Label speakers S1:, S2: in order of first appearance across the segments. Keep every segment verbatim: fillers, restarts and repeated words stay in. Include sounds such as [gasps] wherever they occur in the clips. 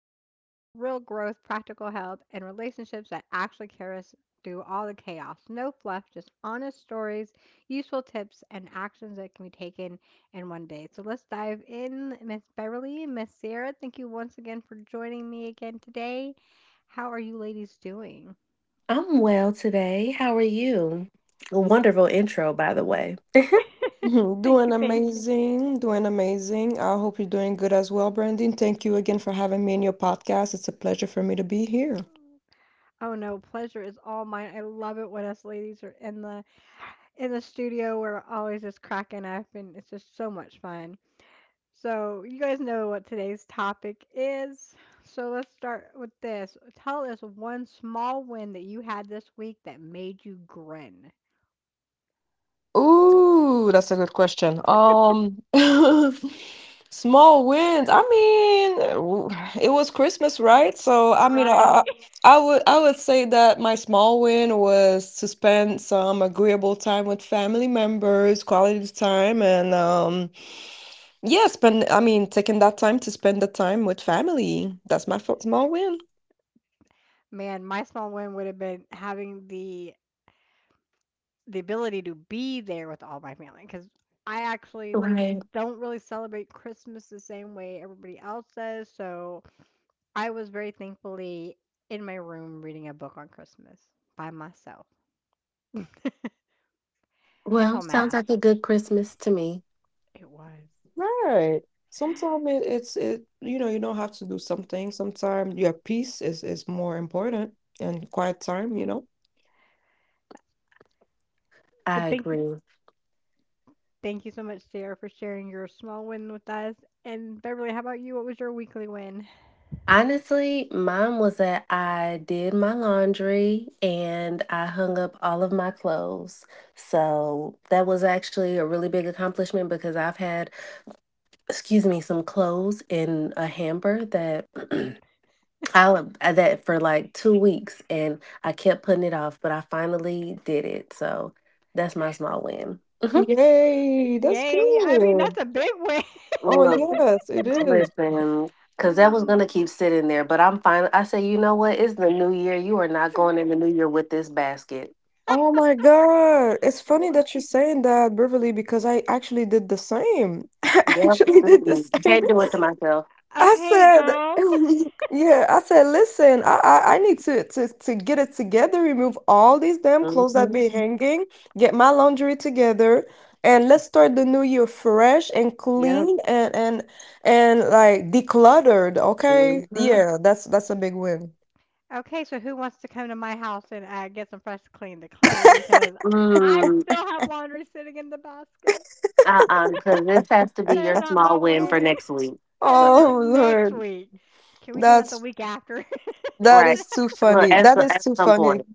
S1: talk about real growth, practical help, and relationships that actually carry us through all the chaos. No fluff, just honest stories, useful tips, and actions that can be taken in one day. So let's dive in, Miss Beverly, Miss Sarah. Thank you once again for joining me again today. How are you ladies doing?
S2: I'm well today. How are you? A wonderful intro, by the way. [laughs]
S3: [laughs] Mhm.
S1: [laughs] Thank
S3: Doing
S1: you, thank you.
S3: amazing, doing amazing. I hope you're doing good as well, Brandon. Thank you again for having me in your podcast. It's a pleasure for me to be here.
S1: Oh no, pleasure is all mine. I love it when us ladies are in the in the studio. We're always just cracking up and it's just so much fun. So you guys know what today's topic is, so let's start with this. Tell us one small win that you had this week that made you grin.
S3: Ooh, that's a good question. Um, [laughs] small wins. I mean, w- it was Christmas, right? So, I mean, I,
S1: Right.
S3: I would I would say that my small win was to spend some agreeable time with family members, quality time, and um. Yeah, spend, I mean, taking that time to spend the time with family. That's my fo- small win.
S1: [laughs] Man, my small win would have been having the the ability to be there with all my family, because I actually we
S2: Right.
S1: don't really celebrate Christmas the same way everybody else does, so I was very thankfully in my room reading a book on Christmas by myself until
S2: Well, sounds
S1: mass.
S2: like a good Christmas to me.
S1: It was.
S3: Right. Sometimes it, it's it you know you don't have to do something. Sometimes your peace is is more important and quiet time. You know.
S1: But
S2: I
S1: thank you,
S2: agree.
S1: thank you so much, Sarah, for sharing your small win with us. And Beverly, how about you? What was your weekly win?
S2: Honestly, mine was that I did my laundry and I hung up all of my clothes. So that was actually a really big accomplishment because I've had, excuse me, some clothes in a hamper that [clears throat] I at that for like two weeks, and I kept putting it off, but I finally did it. So that's my small win. Hmm
S3: Yay! That's
S1: Yay. I mean,
S3: good.
S1: that's a big win.
S3: Oh
S2: Love it.
S3: yes, it is.
S2: Listen,
S1: [laughs]
S2: because that was
S1: um
S2: gonna keep sitting there, but I'm fine. I say, you know what? It's the new year. You are not going in the new
S1: [laughs]
S2: year with this basket.
S3: Oh my God. It's funny
S1: what?
S3: that you're saying that, Beverly, because I actually did the same. [laughs] I
S2: Yep.
S3: actually did
S1: Ooh.
S3: the
S2: Mm-mm.
S3: same.
S2: Can't do it to myself.
S3: I
S1: Okay,
S3: said,
S1: girls. [laughs]
S3: [laughs] yeah, I said, listen, I, I, I need to, to to get it together, remove all these damn clothes that be
S2: Hmm
S3: hanging, get my laundry together, and let's start the new year fresh and
S2: Yep.
S3: clean and and and like decluttered, okay?
S2: Mm-hmm.
S3: Yeah, that's that's a big win.
S1: Okay, so who wants to come to my house and uh, get some fresh, clean the clutter, because I
S2: Mm.
S1: still have laundry sitting in the basket.
S2: Uh-uh. Because this has to be
S1: That's
S2: your
S1: not my
S2: small win for
S1: win.
S2: next week.
S3: [laughs]
S1: [laughs] Gotta
S2: So
S1: do that
S3: Oh
S1: next
S3: Lord.
S1: week. Can we do that the
S3: That's
S1: week after? [laughs]
S3: That
S2: right.
S3: is too
S2: Look, at,
S3: funny.
S2: s-
S3: That is
S2: at
S3: too
S2: some
S3: funny.
S2: point.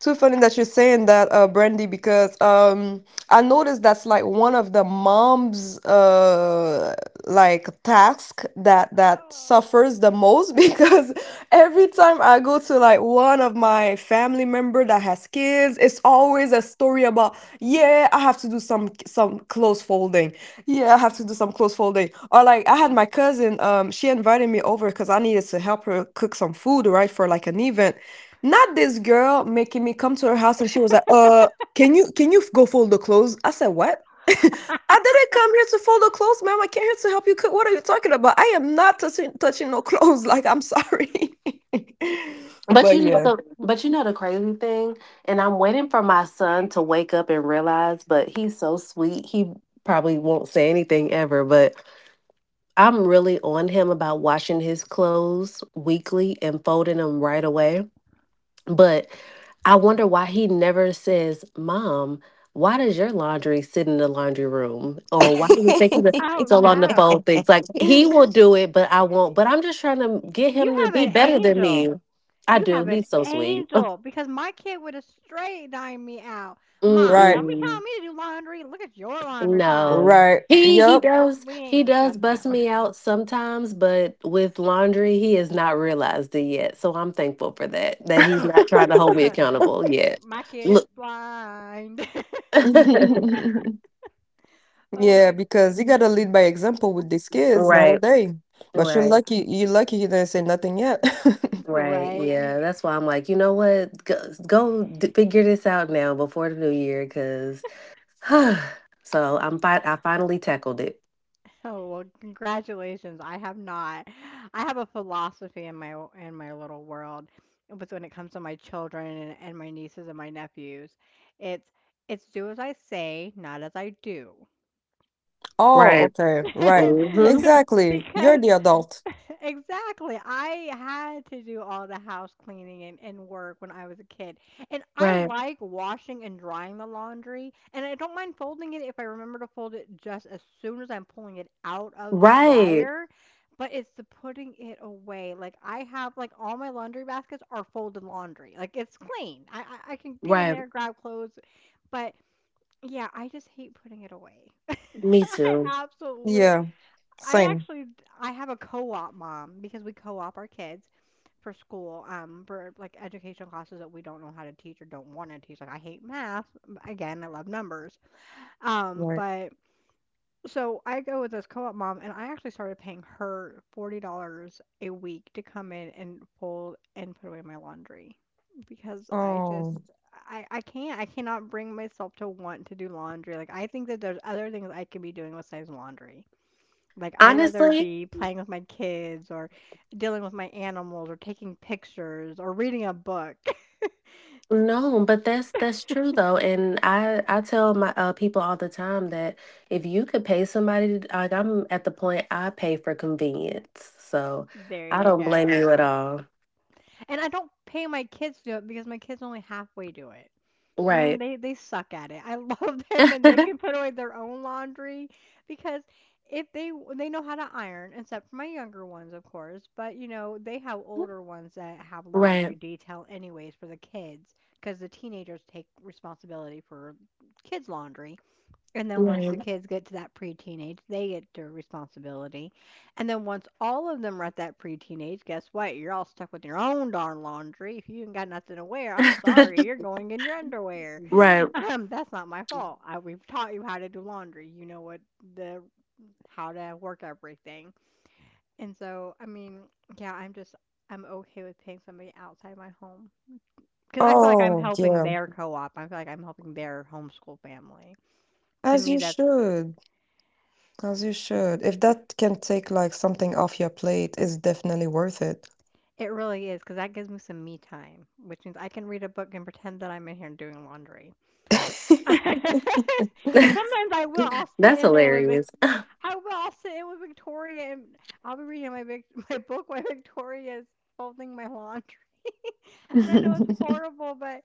S3: Too funny that you're saying that, uh, Brandy, because um, I noticed that's like one of the moms' uh, like task that that suffers the most [laughs] because every time I go to like one of my family member that has kids, it's always a story about yeah, I have to do some some clothes folding. Yeah, I have to do some clothes folding. Or like I had
S1: Oh.
S3: my cousin, um, she invited me over because I needed to help her cook some food, right, for like an event. Not this girl making me come to her house and she was like, "Uh, can you can you go fold the clothes?" I said, "What?" [laughs] I didn't come here to fold the clothes, ma'am. I came here to help you cook. What are you talking about? I am not touching touching no clothes. [laughs] Like, I'm sorry. [laughs]
S2: But
S3: But
S2: you know
S3: yeah.
S2: the but you know the crazy thing, and I'm waiting for my son to wake up and realize, but he's so sweet. He probably won't say anything ever, but I'm really on him about washing his clothes weekly and folding them right away. But I wonder why he never says, "Mom, why does your laundry sit in the laundry room?" or "Why do you take you
S1: [laughs] Oh,
S2: so long to
S1: no.
S2: fold things?" Like he will
S3: [laughs]
S2: do it, but I won't. But I'm just trying to get
S1: You
S2: him to
S1: have
S2: be
S1: an
S2: better than me.
S1: angel.
S2: I
S1: You
S2: do.
S1: have an
S2: He's so sweet.
S1: angel, because my kid would've straight dined me out. "Mom,
S3: Right.
S1: don't be
S2: Mm-mm.
S1: telling me to do laundry. Look at your laundry pile.
S2: No.
S3: Right.
S2: He he
S3: Yep.
S1: Because
S2: does
S1: we
S2: he
S1: ain't
S2: does
S1: discussing
S2: bust
S1: that one.
S2: me out sometimes, but with laundry he has not realized it yet. So I'm thankful for that. That he's not trying to hold me accountable
S1: [laughs]
S2: yet.
S1: My kid is
S2: Look.
S1: blind. [laughs]
S2: [laughs]
S3: [laughs]
S1: Oh
S3: Yeah,
S1: my goodness!
S3: because you gotta lead by example with these kids
S2: Right.
S3: nowadays. But you're
S2: Right.
S3: lucky, you're lucky you didn't say nothing yet. [laughs]
S2: Right.
S1: Right.
S2: Yeah, that's why I'm like, you know what? Go, go d- figure this out now, before the new year cuz [sighs] so I'm fi- I finally tackled it.
S1: Oh, well, congratulations. I have not. I have a philosophy in my w- in my little world with when it comes to my children and, and my nieces and my nephews. It's it's do as I say, not as I do.
S3: Oh,
S2: Right.
S3: okay, right.
S2: Mhm.
S1: [laughs]
S3: Exactly. You're
S1: Because
S3: the adult.
S1: [laughs] exactly, I had to do all the house cleaning and, and work when I was a kid, and I
S2: Right.
S1: like washing and drying the laundry, and I don't mind folding it if I remember to fold it just as soon as I'm pulling it out of the
S2: Right.
S1: dryer. But it's the putting it away. Like, I have like all my laundry baskets are folded laundry. Like, it's clean. i i, I can get in
S2: Right.
S1: there, grab clothes, but yeah, I just hate putting it away. [laughs]
S2: Me too.
S1: I absolutely—
S3: Yeah,
S1: I
S3: same.
S1: actually— I have a co-op mom because we co-op our kids for school, um for like educational classes that we don't know how to teach or don't want to teach. Like, I hate math. Again, I love numbers. Um
S3: Right.
S1: but so I go with this co-op mom, and I actually started paying her forty dollars a week to come in and fold and put away my laundry, because I
S3: Oh,
S1: just— I I can't, I cannot bring myself to want to do laundry. Like, I think that there's other things I could be doing besides laundry. Like, I rather
S2: Honestly,
S1: be playing with my kids or dealing with my animals or taking pictures or reading a book. [laughs] Just—
S2: no, but that's that's true though, and I I tell my uh, people all the time that if you could pay somebody, to, like I'm at the point I pay for convenience, so
S1: there
S2: I
S1: you
S2: don't blame
S1: go.
S2: you at all.
S1: And I don't pay my kids to do it because my kids only halfway do it. I mean,
S2: Right,
S1: they they suck at it. I [laughs] love them, and they can
S2: [laughs]
S1: put away their own laundry, because if they— they know how to iron, except for my younger ones, of course, but you know, they have older ones that have
S2: right,
S1: laundry detail anyways for the kids, because the teenagers take responsibility for kids laundry. And then once
S2: right,
S1: the kids get to that preteen age, they get their responsibility. And then once all of them are at that preteen age, guess what? You're all stuck with your own darn laundry. If you ain't got nothing to wear, I'm sorry, you're
S2: [laughs]
S1: going in your underwear. [laughs]
S2: right.
S1: Um, that's not my fault. I, we've taught you how to do laundry. You know what the how to work everything. And so, I mean, yeah, I'm just— I'm okay with paying somebody outside my home because I feel like I'm
S3: oh,
S1: helping
S3: yeah.
S1: their co-op. I feel like I'm helping their homeschool family. To
S3: As
S1: me,
S3: you
S1: that's—
S3: should. As you should. If that can take like something off your plate, it's definitely worth it.
S1: it really is, cause that gives me some me time, which means I can read a book and pretend that I'm in here doing laundry. [laughs] Cause
S2: [laughs]
S1: sometimes I will, I'll sit
S2: That's
S1: in there with Vic—
S2: hilarious.
S1: I will, I'll sit in with Victoria and I'll be reading my Vic [laughs] my book while Victoria is folding my laundry. And I know it's
S3: [laughs]
S1: horrible, but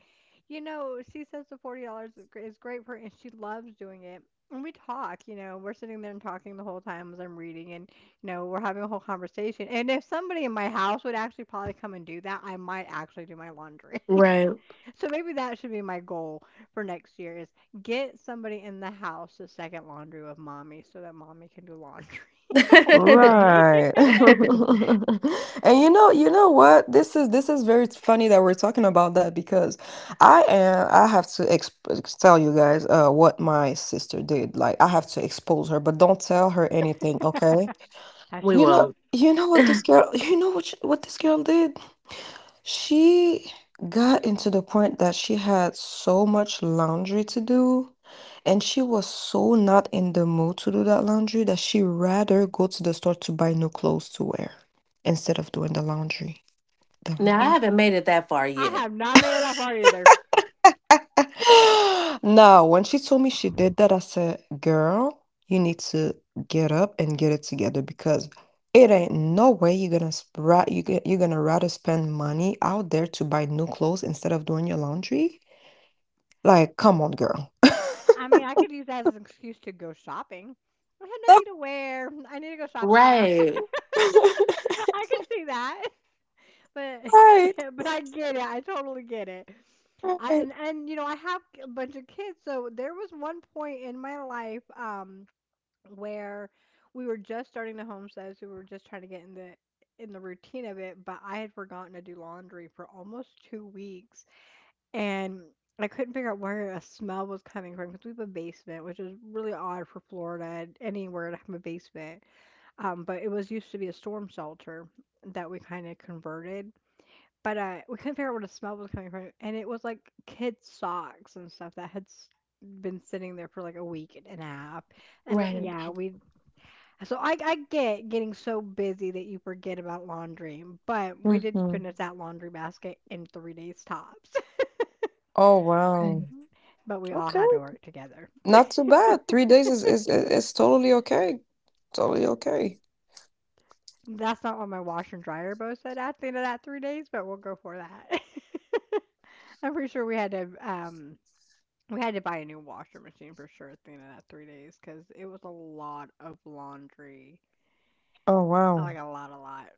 S1: you know, she says the forty dollars is gr- is great for her, and she loves doing it. And we talk, you know, we're sitting there and talking the whole time as I'm reading, and you know, we're having a whole conversation. And if somebody in my house would actually probably come and do that, I might actually do my laundry. [laughs]
S2: Right. [laughs]
S1: So maybe that should be my goal for next year is get somebody in the house to second laundry with mommy, so that mommy can do laundry [laughs] all the way.
S3: Right. [laughs] And you know you know what? This is this is very funny that we're talking about that because I am I have to exp tell you guys uh what my sister did. Like I have to expose her, but don't tell her anything, okay?
S1: [laughs] Hush,
S2: We
S3: You know
S1: hush.
S2: won't. [laughs]
S3: you know what this girl you know what she, what this girl did? She got into the point that she had so much laundry to do and she was so not in the mood to do that laundry that she rather go to the store to buy new clothes to wear instead of doing the laundry. The
S2: Now I
S3: laundry.
S2: haven't made it that far
S1: I
S2: yet.
S1: have not made it that far either.
S3: [laughs] Now, when she told me she did that, I said, Girl, you need to get up and get it together because it ain't no way you're gonna spra- you g- you're gonna rather spend money out there to buy new clothes instead of doing your laundry. Like, come on, girl.
S1: I mean, I could use that as an excuse to go shopping. I have nothing to
S3: [laughs]
S1: wear. [laughs] I need to go shopping now.
S2: Right,
S1: [laughs] I could see that, [laughs] but [laughs]
S3: Right,
S1: yeah, but I get it. I totally get it. I
S3: right.
S1: and and you know, I have a bunch of kids, so there was one point in my life um where we were just starting the homestead, so we were just trying to get in the in the routine of it, but I had forgotten to do laundry for almost two weeks, and I couldn't figure out where a smell was coming from, because we have a basement, which is really odd for Florida and anywhere to have a basement. Um, but it was— used to be a storm shelter that we kind of converted. But uh, we couldn't figure out where the smell was coming from, and it was like kids' socks and stuff that had s- been sitting there for like a week and a half. And uh,
S2: right.
S1: yeah, we— so I I get getting so busy that you forget about laundry, but we did
S3: Hmm.
S1: finish that laundry basket in three days tops. [laughs]
S3: Oh, wow.
S1: But we all
S3: Okay.
S1: had to work together.
S3: Not too bad. three days is is is is totally okay. Totally okay.
S1: That's not what my washer and dryer both said at the end of that three days, but we'll go for that. [laughs] I'm pretty sure we had to, um, we had to buy a new washer machine for sure at the end of that three days, because it was a lot of laundry.
S3: Oh,
S1: Like,
S3: wow.
S1: a lot, a lot.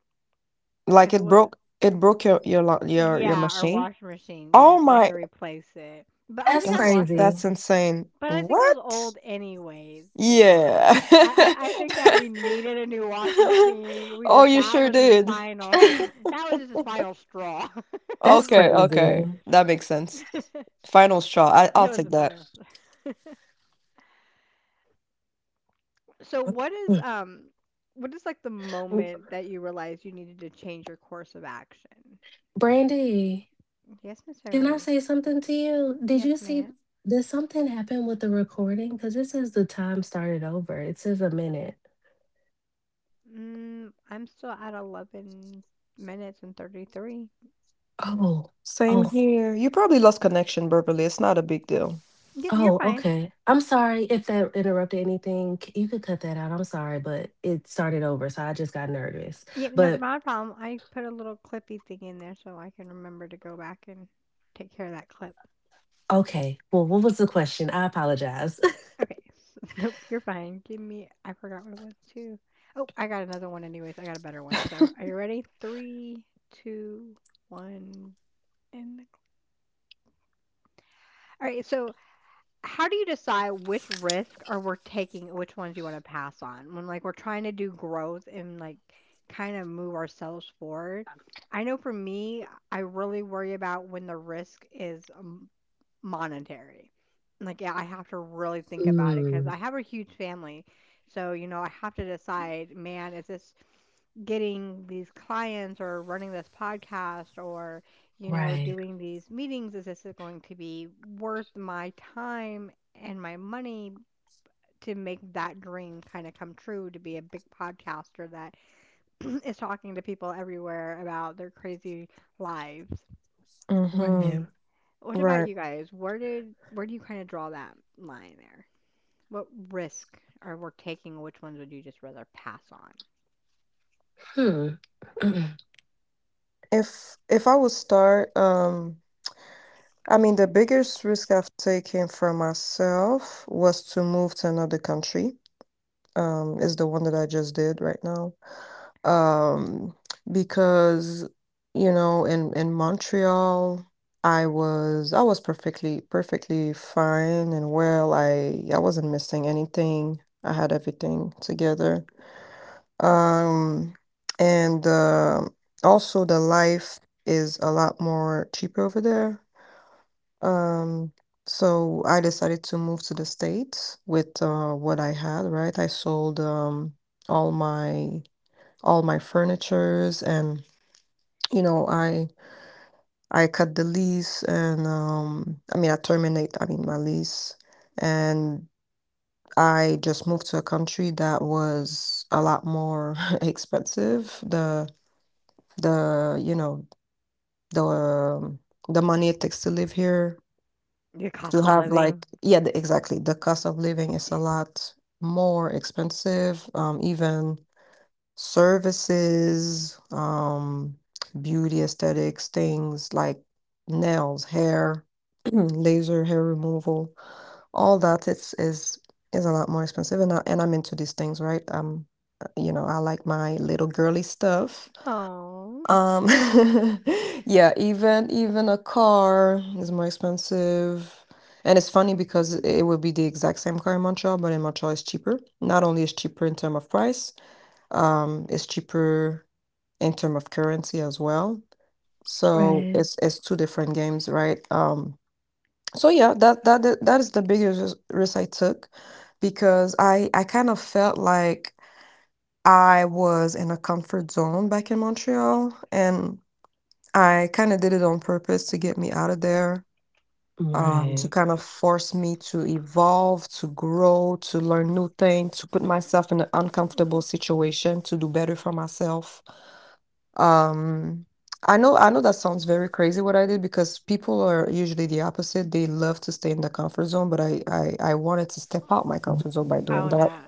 S1: Because
S3: Like
S1: it
S3: it
S1: was—
S3: broke it broke your your lo your your
S1: yeah, our
S3: machine?
S1: washer machine, yes,
S3: Oh
S1: we had
S3: my,
S1: to replace it. But I
S2: That's
S1: think our
S3: that's
S1: washer—
S2: crazy.
S3: that's insane.
S1: but I think it was
S3: What?
S1: old anyways, to be
S3: Yeah.
S1: honest. I, I, I think that we
S3: [laughs]
S1: needed a new washing
S3: [laughs]
S1: machine. We
S3: Oh,
S1: just—
S3: you
S1: that
S3: sure
S1: was his
S3: did.
S1: final
S2: [laughs]
S1: [laughs] that was just his final straw. [laughs] It
S2: That's
S1: was one
S3: Okay,
S1: of those.
S2: crazy.
S3: okay. That makes sense. Final straw. I
S1: [laughs]
S3: I'll
S1: It was the
S3: take that.
S1: final [laughs] straw. So what is um what is like the
S2: W-
S1: moment that you realized you needed to change your course of action?
S2: Brandy,
S1: Yes, Miss
S2: can I
S1: Beverly.
S2: say something to you? Did
S1: Yes,
S2: you see?
S1: ma'am.
S2: Did something happen with the recording? Because it says the time started over. It says a minute.
S1: Mm, I'm still at eleven minutes and thirty-three.
S2: Oh,
S3: Same
S2: oh,
S3: here. You probably lost connection, verbally. It's not a big deal.
S1: Yep, you're
S2: oh,
S1: fine.
S2: okay. I'm sorry if that interrupted anything. C- You could cut that out. I'm sorry, but it started over. So I just got nervous.
S1: Yeah, no,
S2: But
S1: not a problem. I put a little clippy thing in there so I can remember to go back and take care of that clip.
S2: okay. Well, what was the question? I apologize.
S1: Okay. [laughs] Nope, you're fine. Give me— I forgot what it was too. Oh, I got another one anyways. I got a better one. So, are you ready? Three, two, one, and the clock. All right. So, how do you decide which risk are we're taking, and which ones you want to pass on? When like we're trying to do growth and like kind of move ourselves forward. I know for me, I really worry about when the risk is um, monetary. Like, yeah, I have to really think
S2: [laughs]
S1: about it because
S2: mm,
S1: I have a huge family. So, you know, I have to decide, man, is this getting these clients or running this podcast or, you know,
S2: right.
S1: doing these meetings? Is this going to be worth my time and my money to make that dream kind of come true, to be a big podcaster that [clears throat] is talking to people everywhere about their crazy lives?
S3: Mm-hmm.
S2: Right.
S1: What about
S3: Right.
S1: you guys? Where did where do you kind of draw that line there? What risk are we taking? Which ones would you just rather pass on?
S2: Hmm. [clears throat]
S3: If if I would start, um, I mean, the biggest risk I've taken for myself was to move to another country. Um, is the one that I just did right now. um because you know in in Montreal I was I was perfectly perfectly fine and well I I wasn't missing anything. I had everything together, um and um also the life is a lot more cheaper over there. um so I decided to move to the States with uh what I had, right? I sold um all my all my furnitures and you know, I I cut the lease and um I mean I terminate I mean my lease, and I just moved to a country that was a lot more [laughs] expensive. The the You know, the um, the money it takes to live here
S1: Your
S3: to
S1: cost of
S3: have like
S1: living.
S3: yeah the, exactly the cost of living is a lot more expensive. Um even services, um, beauty aesthetics, things like nails, hair, [clears throat] laser hair removal, all that it's is is a lot more expensive and I, and I'm into these things, right? Um, uh, you know, I like my little girly stuff.
S1: Oh,
S3: Um, [laughs] yeah, even even a car is more expensive. And it's funny because it would be the exact same car in Montreal, but in Montreal it's cheaper. Not only is cheaper in terms of price, um, it's cheaper in term of currency as well. So
S2: Right.
S3: it's it's two different games, right? Um, so yeah, that that that that is the biggest ris- risk I took because I I kind of felt like I was in a comfort zone back in Montreal, and I kind of did it on purpose to get me out of there, um, Mm, to
S2: Right.
S3: kind of force me to evolve, to grow, to learn new things, to put myself in an uncomfortable situation, to do better for myself. Um, I know I know that sounds very crazy what I did because people are usually the opposite. They love to stay in the comfort zone, but I I, I wanted to step out my comfort zone by
S1: oh
S3: doing that.
S1: no.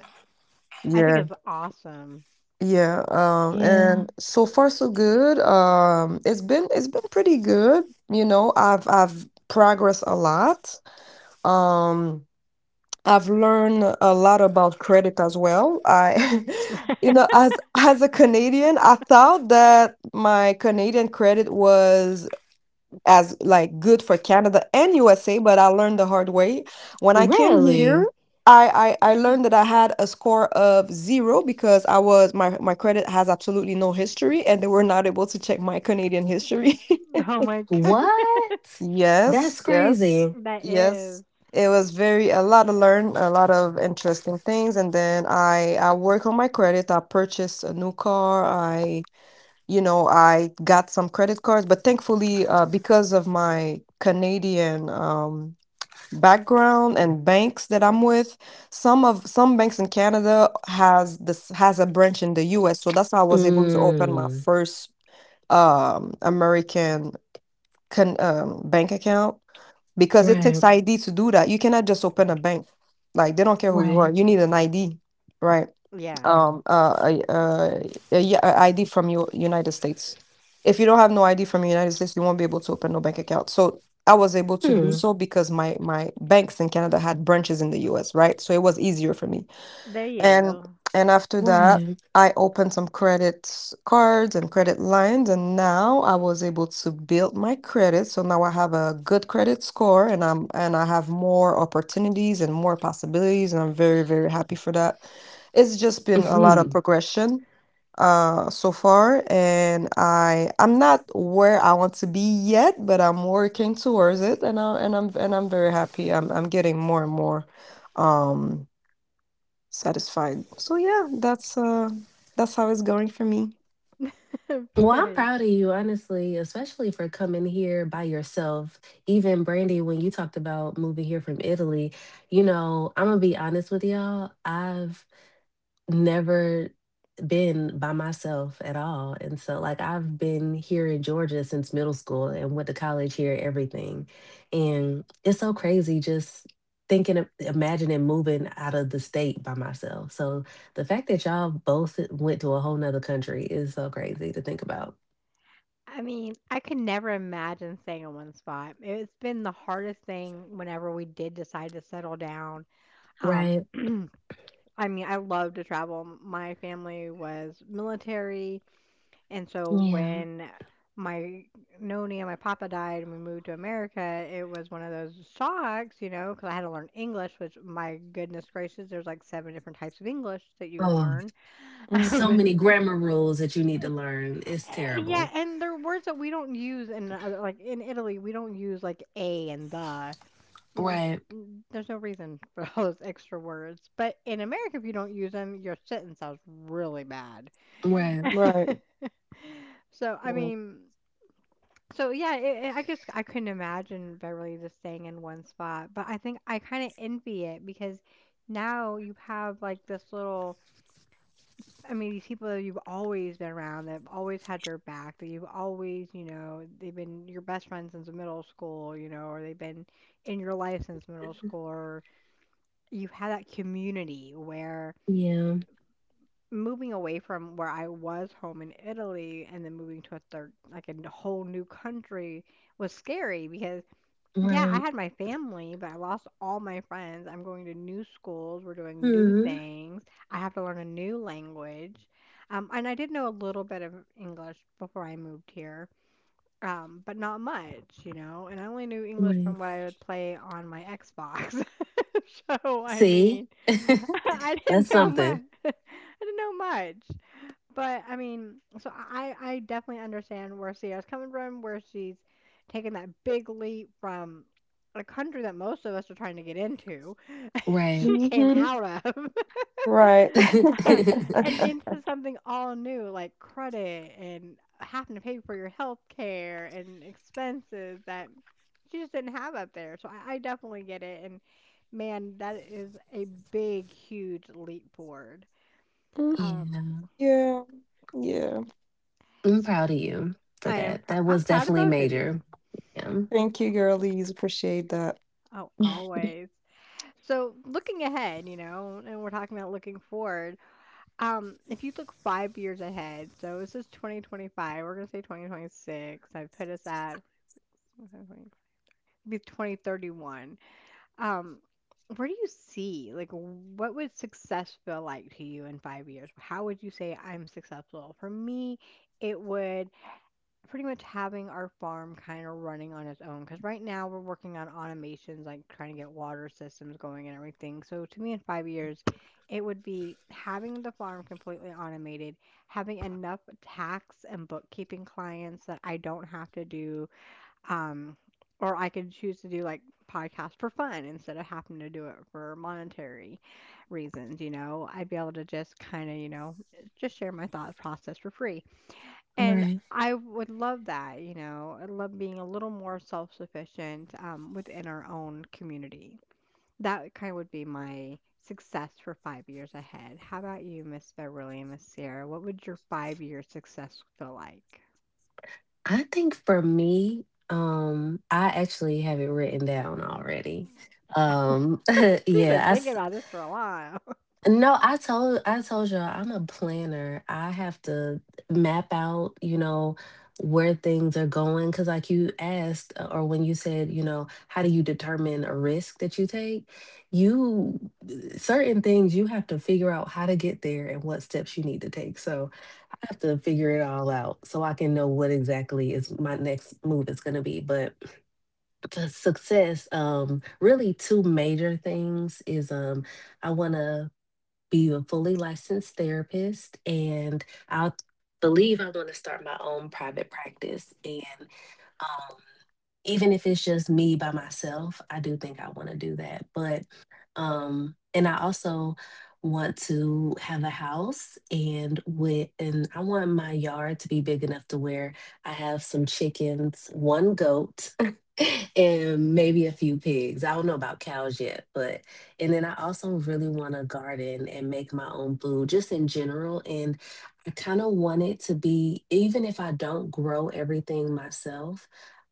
S1: I think
S3: Yeah.
S1: it's awesome.
S3: Yeah. Um,
S2: Yeah.
S3: and so far so good. Um, it's been it's been pretty good. You know, I've I've progressed a lot. Um, I've learned a lot about credit as well. I
S1: [laughs]
S3: [laughs] you know, as as a Canadian, I thought that my Canadian credit was as like good for Canada and U S A, but I learned the hard way. When I came here,
S2: Really?
S3: I, I, I learned that I had a score of zero because I was my, my credit has absolutely no history and they were not able to check my Canadian history. [laughs]
S1: Oh my goodness.
S2: What?
S3: Yes,
S2: That's
S3: yes,
S1: [laughs]
S2: crazy.
S1: That
S3: yes.
S1: is.
S3: It was very a lot to learn, a lot of interesting things, and then I I work on my credit. I purchased a new car. I you know, I got some credit cards, but thankfully, uh, because of my Canadian um, background and banks that I'm with, some of some banks in Canada has this has a branch in the U S. So that's how I was able to open my
S2: Mm.
S3: first um, American con, um, bank account because it
S2: Right.
S3: takes I D to do that. You cannot just open a bank. Like they don't care who you
S2: Right.
S3: are. You need an I D, right?
S1: Yeah.
S3: Um, uh, a, uh, a, yeah, a I D from your United States. If you don't have no I D from United States, you won't be able to open no bank account. So I was able to do
S2: Hmm.
S3: so because my my banks in Canada had branches in the U S. Right, so it was easier for me
S1: There you
S3: and
S1: go.
S3: and after that
S2: Right.
S3: I opened some credit cards and credit lines and now I was able to build my credit, so now I have a good credit score and i'm and I have more opportunities and more possibilities and I'm very very happy for that. It's just been a lot of
S2: Mhm.
S3: progression uh so far and I I'm not where I want to be yet but I'm working towards it and i and i'm and I'm very happy. i'm I'm getting more and more um satisfied. So yeah, that's, uh, that's how it's going for me.
S1: [laughs]
S2: Well, I'm
S1: Right.
S2: proud of you, honestly, especially for coming here by yourself. Even Brandy, when you talked about moving here from Italy, you know, I'm gonna be honest with y'all. I've never been by myself at all. And so, like, I've been here in Georgia since middle school and went to college here, everything. And it's so crazy just thinking, of, imagining moving out of the state by myself. So, the fact that y'all both went to a whole nother country is so crazy to think about.
S1: I mean, I could never imagine staying in one spot. It's been the hardest thing whenever we did decide to settle down. Um,
S2: Right.
S1: I mean, I love to travel. My family was military. And so
S2: Yeah.
S1: when my noni and my papa died and we moved to America, it was one of those shocks, you know, because I had to learn English, which, my goodness gracious, there's like seven different types of English that you
S2: Oh,
S1: learn.
S3: Mhm.
S2: so many
S1: [laughs]
S3: Mm,
S2: grammar rules that you need to learn. It's
S1: Um, yeah,
S2: terrible.
S1: and there are words that we don't use in other, like in Italy, we don't use like a and the. Mm,
S2: Right.
S1: mm, There's no reason [laughs] for all those extra words. But in America, if you don't use them, your sentence sounds really bad.
S2: Right.
S3: right,
S1: [laughs] So, I
S3: right.
S1: mean, So yeah, it, it, I just I couldn't imagine Beverly just staying in one spot, but I think I kind of envy it because now you have like this little. I mean, these people that you've always been around, that have always had your back, that you've always, you know, they've been your best friend since middle school, you know, or they've been in your life since middle school, or you've had that community where
S2: Yeah.
S1: moving away from where I was home in Italy and then moving to a third, like a n- whole new country was scary because, yeah, I
S2: Right.
S1: had my family, but I lost all my friends. I'm going to new schools. We're doing new
S2: hmm
S1: things. I have to learn a new language. Um, and I did know a little bit of English before I moved here, um, but not much, you know. And I only knew English from
S2: Right.
S1: what I would play on my Xbox. [laughs] So, I
S2: See?
S1: mean, [laughs] I
S2: [laughs] That's
S1: didn't know much.
S2: something.
S1: [laughs] I didn't know much. But I mean, so I I definitely understand where Sierra's coming from, where she's taking that big leap from a country that most of us are trying to get into. [laughs]
S2: Right.
S1: She came
S3: Mhm.
S1: out of
S3: Right.
S1: [laughs] uh,
S3: [laughs]
S2: [laughs]
S1: and into something all new like credit and having to pay for your health care and expenses that she just didn't have up there. So I, I definitely get it. And man, that is a big, huge leap forward.
S3: Mm,
S1: Um,
S2: Yeah.
S3: yeah, yeah.
S2: I'm proud of you for
S1: I am
S2: that.
S1: pr-
S2: That
S1: I'm
S2: was
S1: proud of
S2: definitely
S1: both of you.
S2: major. Yeah.
S3: Thank you, girlies, appreciate that.
S1: Oh,
S3: [laughs]
S1: always. So, looking ahead, you know, and we're talking about looking forward. Um, if you look five years ahead, so this is twenty twenty-five. We're gonna say twenty twenty-six. I put us at be twenty thirty-one. Um, where do you see, like, what would success feel like to you in five years? How would you say I'm successful? For me, it would pretty much having our farm kind of running on its own because right now we're working on automations, like trying to get water systems going and everything. So to me, in five years, it would be having the farm completely automated, having enough tax and bookkeeping clients that I don't have to do um, or I could choose to do, like, podcasts for fun instead of having to do it for monetary reasons you know I'd be able to just kind of, you know just share my thought process for free. And
S2: Right.
S1: I would love that, you know. I love being a little more self-sufficient um, within our own community. That kind of would be my success for five years ahead. How about you, Miss Beverly and Miss Sarah? What would your five-year success feel like?
S2: I think for me, um, I actually have it written down already.
S1: [laughs]
S2: Um, [laughs]
S1: She's been
S2: yeah, I,
S1: thinking about this for a while.
S2: No, I told I told y'all I'm a planner. I have to map out, you know, where things are going. Cause like you asked, uh, or when you said, you know, how do you determine a risk that you take? You uh, Certain things you have to figure out how to get there and what steps you need to take. So I have to figure it all out so I can know what exactly is my next move is gonna be. But to success, um, really two major things is um I wanna be a fully licensed therapist, and I believe I want to start my own private practice, and um even if it's just me by myself, I do think I want to do that. But um and I also want to have a house, and with and I want my yard to be big enough to where I have some chickens, one goat, [laughs] and maybe a few pigs. I don't know about cows yet, but and then I also really want to garden and make my own food just in general, and I kind of want it to be even if I don't grow everything myself.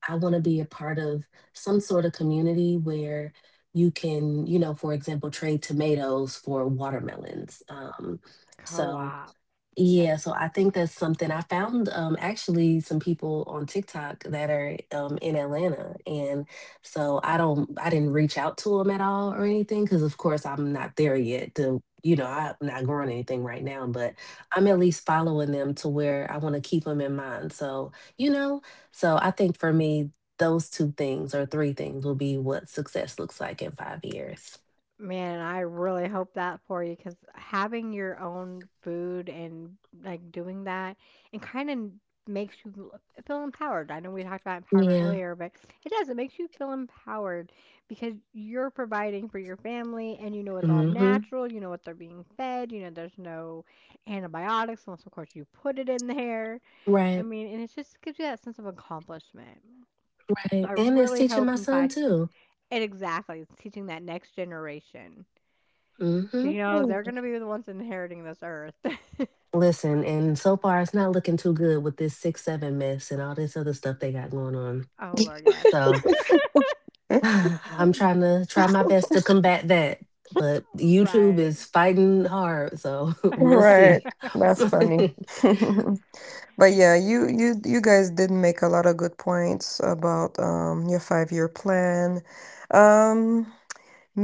S2: I want to be a part of some sort of community where you can, you know, for example, trade tomatoes for watermelons. Um,
S1: [laughs]
S2: so
S1: Co-op.
S2: yeah, so I think that's something. I found um actually some people on TikTok that are um in Atlanta, and so I don't I didn't reach out to them at all or anything because of course I'm not there yet to, you know, I'm not growing anything right now, but I'm at least following them to where I want to keep them in mind. So, you know, so I think for me those two things or three things will be what success looks like in five years.
S1: Man, I really hope that for you, because having your own food and, like, doing that, it kinda makes you l feel empowered. I know we talked about empowerment
S2: Yeah.
S1: earlier, but it does, it makes you feel empowered because you're providing for your family and you know it's all
S2: Mm-hmm.
S1: natural, you know what they're being fed, you know there's no antibiotics unless, of course, you put it in there. I
S2: Right,
S1: mean, and it just gives you that sense of accomplishment. So
S2: right.
S1: I
S2: And it's
S1: really
S2: teaching
S1: hope.
S2: my
S1: And
S2: son
S1: by,
S2: too.
S1: and exactly, it's teaching that next generation. 'Cause,
S2: Hmm
S1: you know, they're
S3: Mm.
S1: gonna be the ones inheriting this earth. [laughs]
S2: Listen, and so far it's not looking too good with this six seven mess and all this other stuff they got going on.
S1: Oh Lord, yes.
S2: So
S3: [laughs]
S2: [sighs]
S1: Ab-
S2: I'm trying to try my best to combat that. But YouTube
S1: right.
S2: is fighting hard, so [laughs]
S1: [laughs]
S2: we'll
S3: Right.
S2: see.
S1: I-,
S3: That's funny.
S2: [laughs]
S3: [laughs] But yeah, you you you guys did make a lot of good points about, um, your five year plan. Um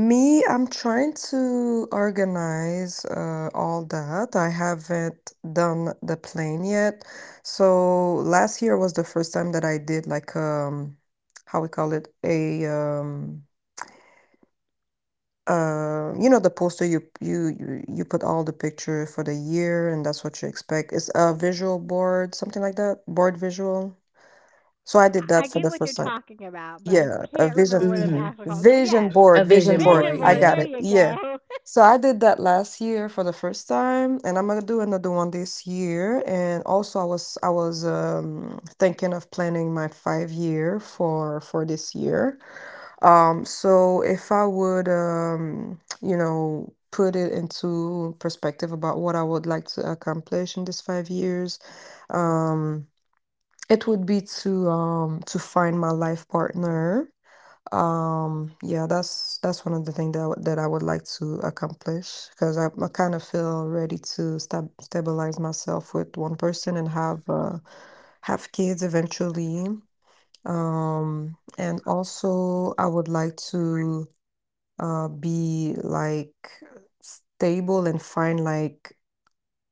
S3: Me, I'm trying to organize uh, all that. I haven't done the plan yet. So last year was the first time that I did like um how we call it a um uh you know the poster you you you you put all the picture for the year and that's what you expect. It's a visual board, something like that, board visual. So I did that
S1: I
S3: for
S1: get
S3: the
S1: what you're
S3: first time.
S1: talking about, but I
S3: Yeah, a
S1: can't
S3: vision
S1: remember what it's
S2: hmm
S1: actually called. But
S3: vision
S1: yes,
S2: A
S3: board, vision
S2: vision
S3: board.
S1: vision
S2: board,
S3: I
S1: board.
S3: got
S2: yeah.
S1: There
S3: it.
S1: you
S3: Yeah.
S1: go.
S3: So I did that last year for the first time, and I'm gonna do another one this year. And also, I was I was um, thinking of planning my five year for for this year. Um, so if I would, um, you know, put it into perspective about what I would like to accomplish in these five years, um, it would be to um to find my life partner. Um, yeah, that's that's one of the things that I would- that I would like to accomplish because I, I kind of feel ready to stab stabilize myself with one person and have uh, have kids eventually. Um, and also I would like to uh, be like stable and find like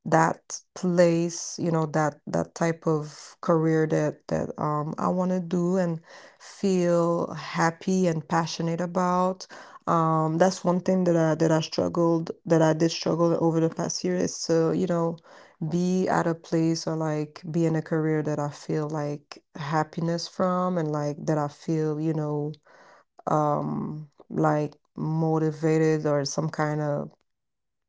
S3: that place, you know that that type of career that that um, I want to do and feel happy and passionate about. Um, that's one thing that i that i struggled that i did struggle over the past year, is to you know be at a place or like be in a career that I feel like happiness from and like that I feel, you know um like motivated or some kind of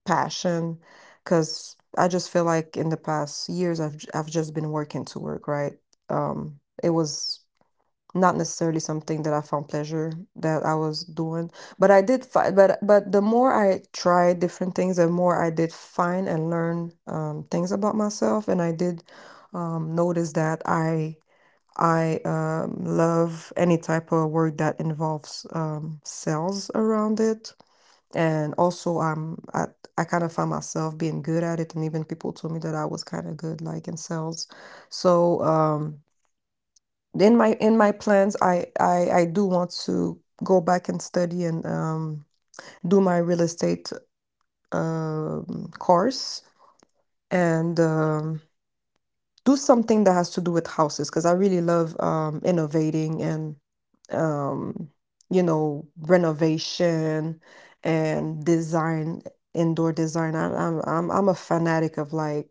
S3: passion, because I just feel like in the past years I've j- I've just been working to work, right? Um, it was not necessarily something that I found pleasure that I was doing, but I did find but but the more I tried different things, the more I did find and learn um, things about myself, and I did um, notice that I I um, love any type of work that involves um, sales around it. And also, um, I I kind of found myself being good at it, and even people told me that I was kind of good, like in sales. So, um, in my in my plans, I I I do want to go back and study and um do my real estate um course and um do something that has to do with houses because I really love um, innovating and, um, you know renovation and design, indoor design. I'm I'm I'm I'm a fanatic of like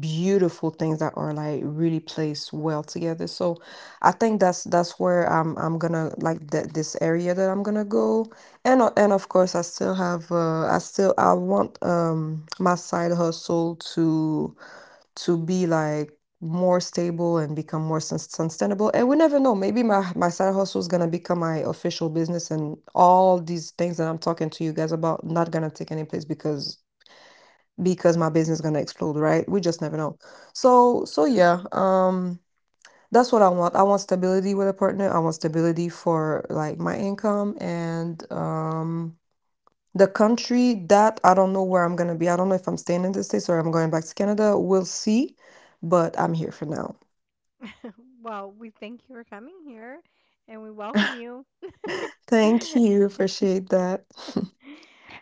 S3: beautiful things that are like really placed well together. So I think that's that's where I'm I'm gonna like that this area that I'm gonna go. And o- and of course I still have uh, I still I want um my side hustle to to be like more stable and become more sus- sustainable. And we never know, maybe my my side hustle is gonna become my official business, and all these things that I'm talking to you guys about not gonna take any place because because my business is gonna explode, right? We just never know. So so yeah, um, that's what I want. I want stability with a partner. I want stability for like my income and um the country, that I don't know where I'm gonna be. I don't know if I'm staying in the States or I'm going back to Canada. We'll see, but I'm here for now.
S1: [laughs] Well, we thank you for coming here and we welcome you. [laughs]
S3: Thank you. Appreciate that.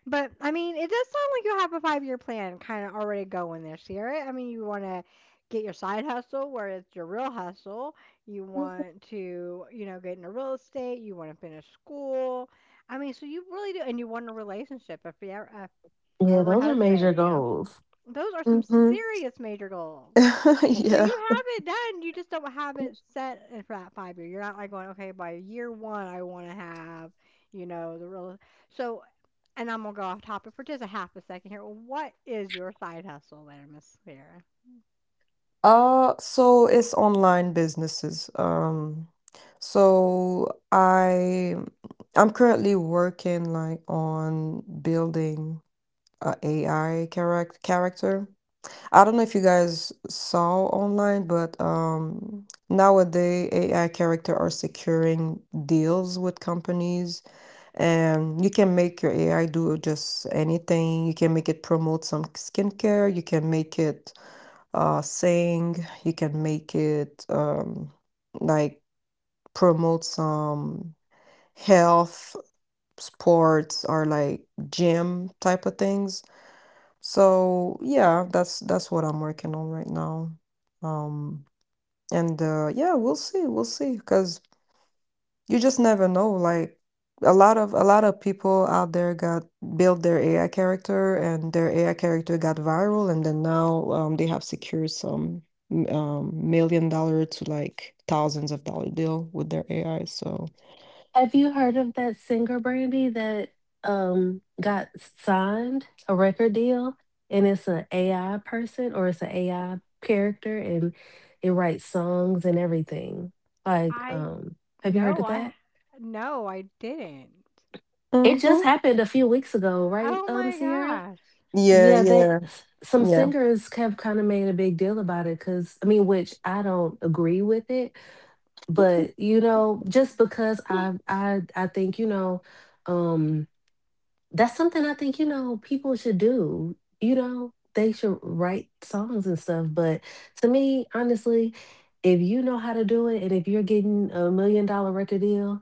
S1: But I mean, it does sound like you have a five year plan kind of already going this year. I mean, you want to get your side hustle where it's your real hustle. You
S3: [laughs]
S1: want to, you know, get into real estate. You want to finish school. I mean, so you really do. And you want a relationship, a forever, a
S2: Yeah,
S1: forever
S2: those are major
S1: husband, you know.
S2: goals.
S1: Those are some
S3: hmm
S1: serious major goals.
S3: [laughs]
S1: So
S3: Yeah.
S1: you have it done. You just don't have it set uh, for that five year. You're not like going, okay, by year one, I want to have, you know, the real. So, and I'm gonna go off topic for just a half a second here. What is your side hustle there, Miss Sarah?
S3: Uh, so it's online businesses. Um, so I I'm currently working like on building a AI charac character. I don't know if you guys saw online, but um, nowadays A I character are securing deals with companies, and you can make your A I do just anything. You can make it promote some skincare. You can make it uh, sing. You can make it, um, like promote some health, sports, or like gym type of things. So yeah, that's that's what I'm working on right now. Um and uh Yeah, we'll see, we'll see, 'cause you just never know. Like a lot of a lot of people out there got built their A I character, and their A I character got viral, and then now um they have secured some m- um million dollar to like thousands of dollar deal with their A I. So
S2: Have you heard of that singer, Brandy, that, um, got signed a record deal, and it's an A I person or it's an A I character, and it writes songs and everything? Like,
S1: I,
S2: um, have you heard
S1: no,
S2: of
S1: I,
S2: that?
S1: no, I didn't.
S2: It just
S3: mhm.
S2: happened a few weeks ago, right,
S1: Oh
S2: um,
S1: my
S2: Sierra?
S1: gosh,
S3: Yeah,
S2: Yeah, that
S3: yeah,
S2: s- some
S3: yeah.
S2: singers have kind of made a big deal about it because I mean, which I don't agree with it, but you know, just because I I I think, you know, um that's something I think, you know, people should do. You know, they should write songs and stuff. But to me, honestly, if you know how to do it and if you're getting a million dollar record deal,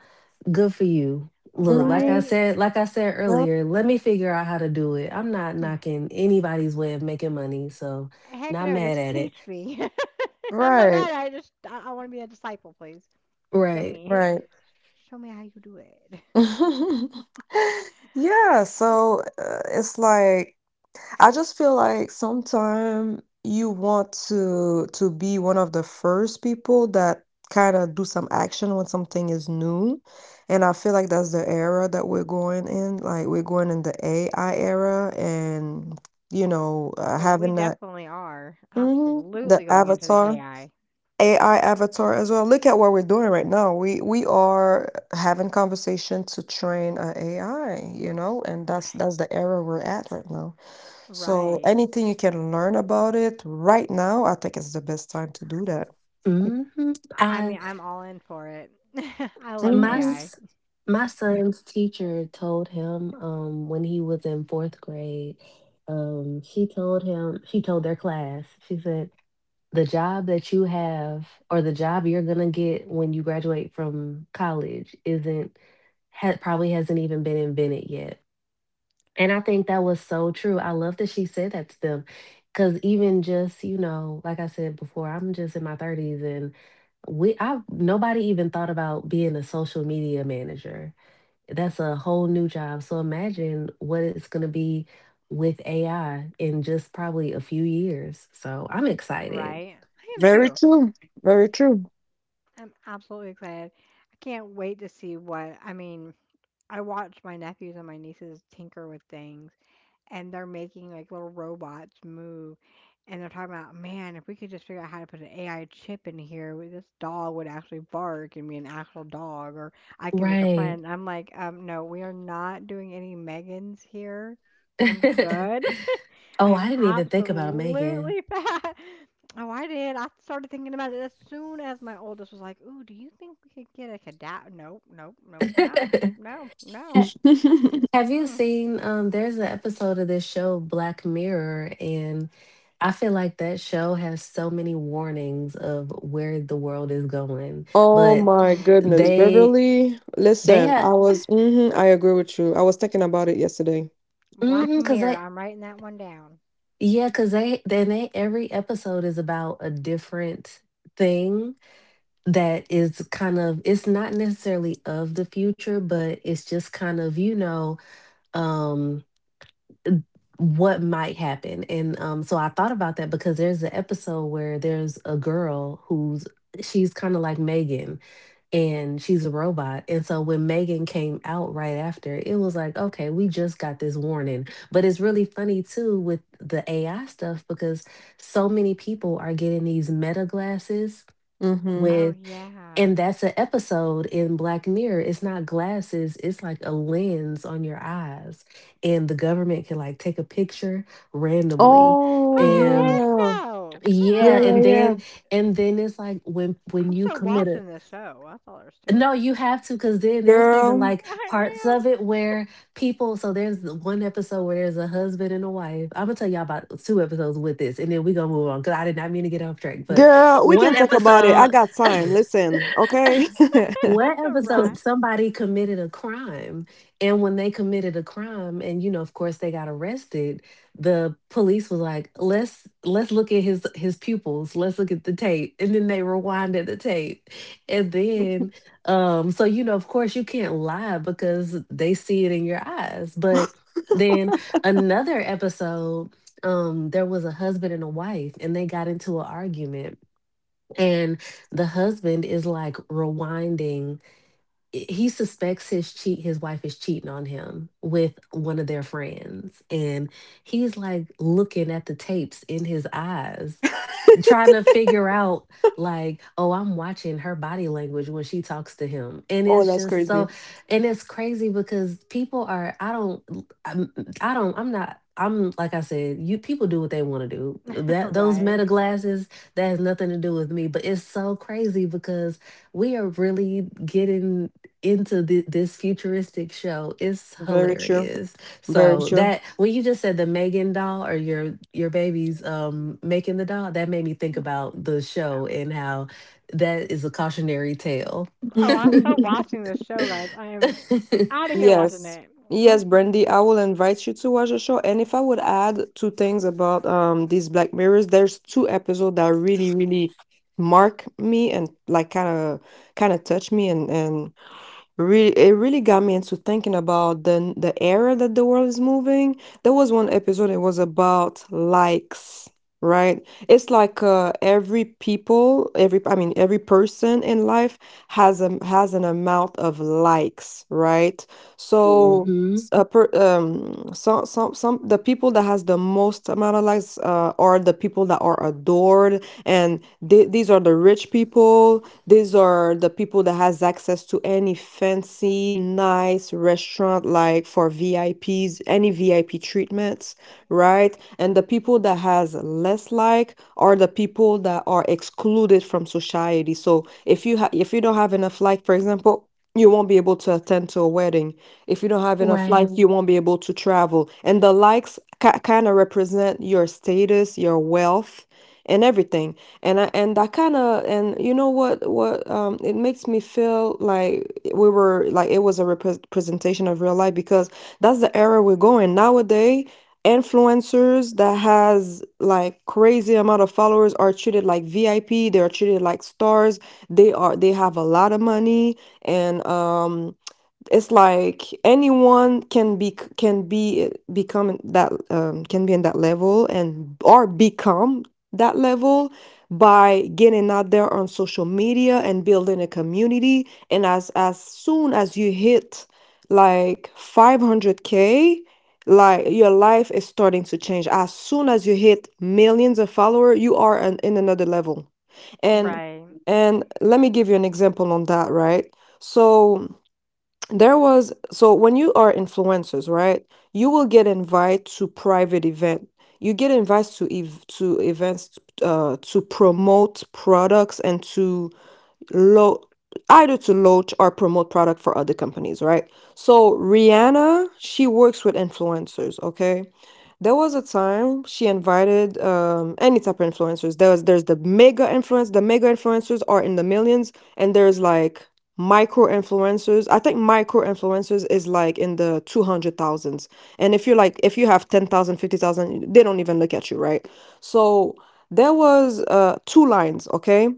S2: good for you. Look, like I
S3: Mhm.
S1: right?
S2: said, like I said
S3: Yep.
S2: earlier, let me figure out how to do it. I'm not knocking anybody's way of making money, so
S1: Heck
S2: not
S1: no,
S2: mad
S1: just
S2: at it.
S1: teach me. [laughs] I'm not
S3: Right.
S1: mad. I just I, I want to be a disciple, please. Show
S2: Right.
S1: me,
S3: Right.
S1: [laughs] show me how you do it.
S3: [laughs] Yeah, so uh, it's like I just feel like sometime you want to to be one of the first people that kind of do some action when something is new. And I feel like that's the era that we're going in. Like we're going in the A I era and, you know, uh,
S1: Oh, we
S3: having that
S1: definitely are.
S3: mhm, the
S1: Absolutely going into the
S3: avatar.
S1: A I.
S3: A I avatar as well. Look at what we're doing right now. We we are having conversation to train a AI, you know, and
S1: Right.
S3: that's
S1: [laughs]
S3: that's the era we're at right now. So
S1: Right.
S3: anything you can learn about it right now, I think it's the best time to do that.
S2: hmm
S1: I mean, I'm all in for it. [laughs] I love
S2: My
S3: Mhm.
S1: A I.
S2: s- my son's teacher told him um, when he was in fourth grade, um, she told him, she told their class, she said, the job that you have or the job you're gonna get when you graduate from college isn't had probably hasn't even been invented yet. And I think that was so true. I love that she said that to them. Cause even just, you know, like I said before, I'm just in my thirties, and we I nobody even thought about being a social media manager. That's a whole new job. So imagine what it's going to be with A I in just probably a few years. So I'm excited.
S1: Right. I am
S3: Very
S1: too.
S3: true. Very true.
S1: I'm absolutely excited. I can't wait to see what, I mean, I watch my nephews and my nieces tinker with things and they're making like little robots move. And they're talking about, man, if we could just figure out how to put an A I chip in here, we- this dog would actually bark and be an actual dog, or I can make a
S2: Right.
S1: friend. I'm like, um, no, we are not doing any Megans here. I'm
S2: [laughs]
S1: good. [laughs] I
S2: Oh,
S1: am
S2: I didn't even think about Megan.
S1: absolutely fat. [laughs] Oh, I did. I started thinking about it as soon as my oldest was like, "Ooh, do you think we could get a cadaver?" Nope, nope, no, we cannot. No, no.
S2: [laughs]
S3: [laughs]
S2: Have you
S1: Mm-mm.
S2: seen um there's an episode of this show Black Mirror, and I feel like that show has so many warnings of where the world is going,
S3: Oh
S2: but
S3: my
S1: Mm.
S3: goodness,
S2: they
S3: Beverly.
S2: they
S3: Listen,
S2: had
S3: I was,
S1: [laughs]
S3: hmm I agree with you. I was thinking about it yesterday.
S1: Black
S2: mm cuz
S1: Mirror.
S2: they
S1: I'm writing that one down.
S2: yeah, cuz they then they every episode is about a different thing that is kind of, it's not necessarily of the future, but it's just kind of, you know, um what might happen. And um, so I thought about that because there's an episode where there's a girl who's, she's kind of like Megan, and she's a robot. And so when Megan came out right after, it was like, okay, we just got this warning. But it's really funny too with the A I stuff because so many people are getting these meta glasses,
S3: Mhm.
S1: Oh
S2: with
S1: yeah.
S2: and that's an episode in Black Mirror. It's not glasses, it's like a lens on your eyes. And the government can like take a picture randomly.
S3: Oh,
S1: Oh
S2: And
S1: heck
S3: yeah.
S1: no!
S3: Yeah,
S2: yeah,
S3: yeah,
S2: and
S1: Uh-uh.
S3: yeah.
S2: then and then it's like when when
S1: I'm
S2: you
S1: still
S2: commit a
S1: watching this show. That's all there's to
S2: no,
S1: it.
S2: you have to, because then there's
S1: I
S2: even
S3: Girl,
S2: like parts of it where people. So there's the one episode where there's a husband and a wife. I'm gonna tell y'all about two episodes with this, and then we gonna move on because I did not mean to get off track. But
S1: I
S3: Girl, we
S2: one
S3: can talk about it. I
S2: episode,
S3: got time.
S2: [laughs]
S3: Listen, okay?
S2: one
S1: am. [laughs]
S2: episode,
S1: Right.
S2: somebody committed a crime. And when they committed a crime, and you know, of course, they got arrested. The police was like, "Let's let's look at his his pupils. Let's look at the tape," and then they rewinded the tape, and then
S3: [laughs]
S2: um, so you know, of course, you can't lie because they see it in your eyes. But then another episode. Um, there was a husband and a wife, and they got into an argument. And the husband is like rewinding. i- He suspects his cheat, his wife is cheating on him with one of their friends, and he's like looking at the tapes in his eyes, trying to figure out, like, oh, I'm watching her body language when she talks to him. And
S3: Oh,
S2: it's
S3: that's
S2: just
S3: crazy.
S2: so, and it's crazy because people are I don't l- I'm- I don't I'm not I'm like, I said, you people do what they want to do.
S1: [laughs]
S2: That those meta
S1: Right.
S2: glasses, that has nothing to do with me. But it's so crazy because we are really getting into thi- this futuristic show. It's
S3: Very true.
S2: hilarious.
S3: Very
S2: So
S3: true.
S2: that when you just said the Megan doll, or your your baby's um making the doll, that made me think about the show and how that is a cautionary tale.
S1: Oh, I'm still [laughs] watching this
S3: [laughs]
S1: show, guys. I am
S2: [laughs]
S1: out of here watching
S3: Yes.
S1: it.
S3: Yes,
S1: Mm.
S3: Brandy, I will invite you to watch the show. And if I would add two things about um these Black Mirrors, there's two episodes that really, really mark me and like kind of kind of touch me and and really, it really got me into thinking about the the era that the world is moving. There was one episode, it was about likes, right? It's like uh, every people, every I mean every person in life has a has an amount of likes, right? So s-
S2: Hmm.
S3: a per, um some some some the people that has the most amount of likes uh, are the people that are adored, and they, these are the rich people, these are the people that has access to any fancy nice restaurant, like for V I Ps, any VIP treatments, right? And the people that has less like are the people that are excluded from society. So if you ha- if you don't have enough like, for example, you won't be able to attend to a wedding. If you don't have enough likes,
S2: Right.
S3: you won't be able to travel. And the likes ca- kind of represent your status, your wealth and everything. And I, and that kind of, and you know what, what um it makes me feel like we were like, it was a repres representation of real life, because that's the era we're going nowadays. Influencers that has like crazy amount of followers are treated like V I P, they are treated like stars, they are, they have a lot of money. And um It's like anyone can be, can be become that, um, can be in that level, and or become that level by getting out there on social media and building a community. And as as soon as you hit like five hundred k, like your life is starting to change. As soon as you hit millions of followers, you are an, in another level. And
S1: Right.
S3: and Let me give you an example on that, right? so there was so When you are influencers, right, you will get invited to private event. You get invited to ev to events uh to promote products and to lo either to launch or promote product for other companies, right? So Rihanna, she works with influencers, okay? There was a time she invited, um, any type of influencers. There was there's the mega influencers. The mega influencers are in the millions, and there's like micro influencers. I think micro influencers is like in the two hundred thousands. And if you're like, if you have ten thousand, fifty thousand, they don't even look at you, right? So there was uh, two lines, okay?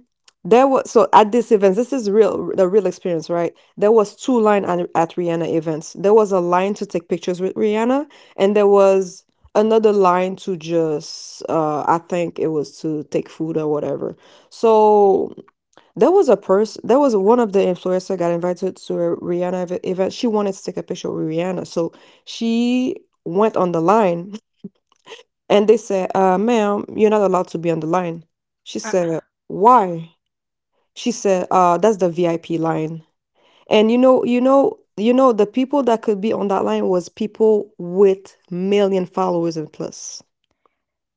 S3: There was so At this event, this is real, the real experience, right? There was two line at, at Rihanna events. There was a line to take pictures with Rihanna, and there was another line to just, uh, I think it was to take food or whatever. So there was a person, there was one of the influencer got invited to a Rihanna ev- event. She wanted to take a picture with Rihanna, so she went on the line, and they said, uh, "Ma'am, you're not allowed to be on the line." She
S1: Uh,
S3: said, "Why?" She said, uh, that's the V I P line. And you know, you know, you know, the people that could be on that line was people with million followers and plus.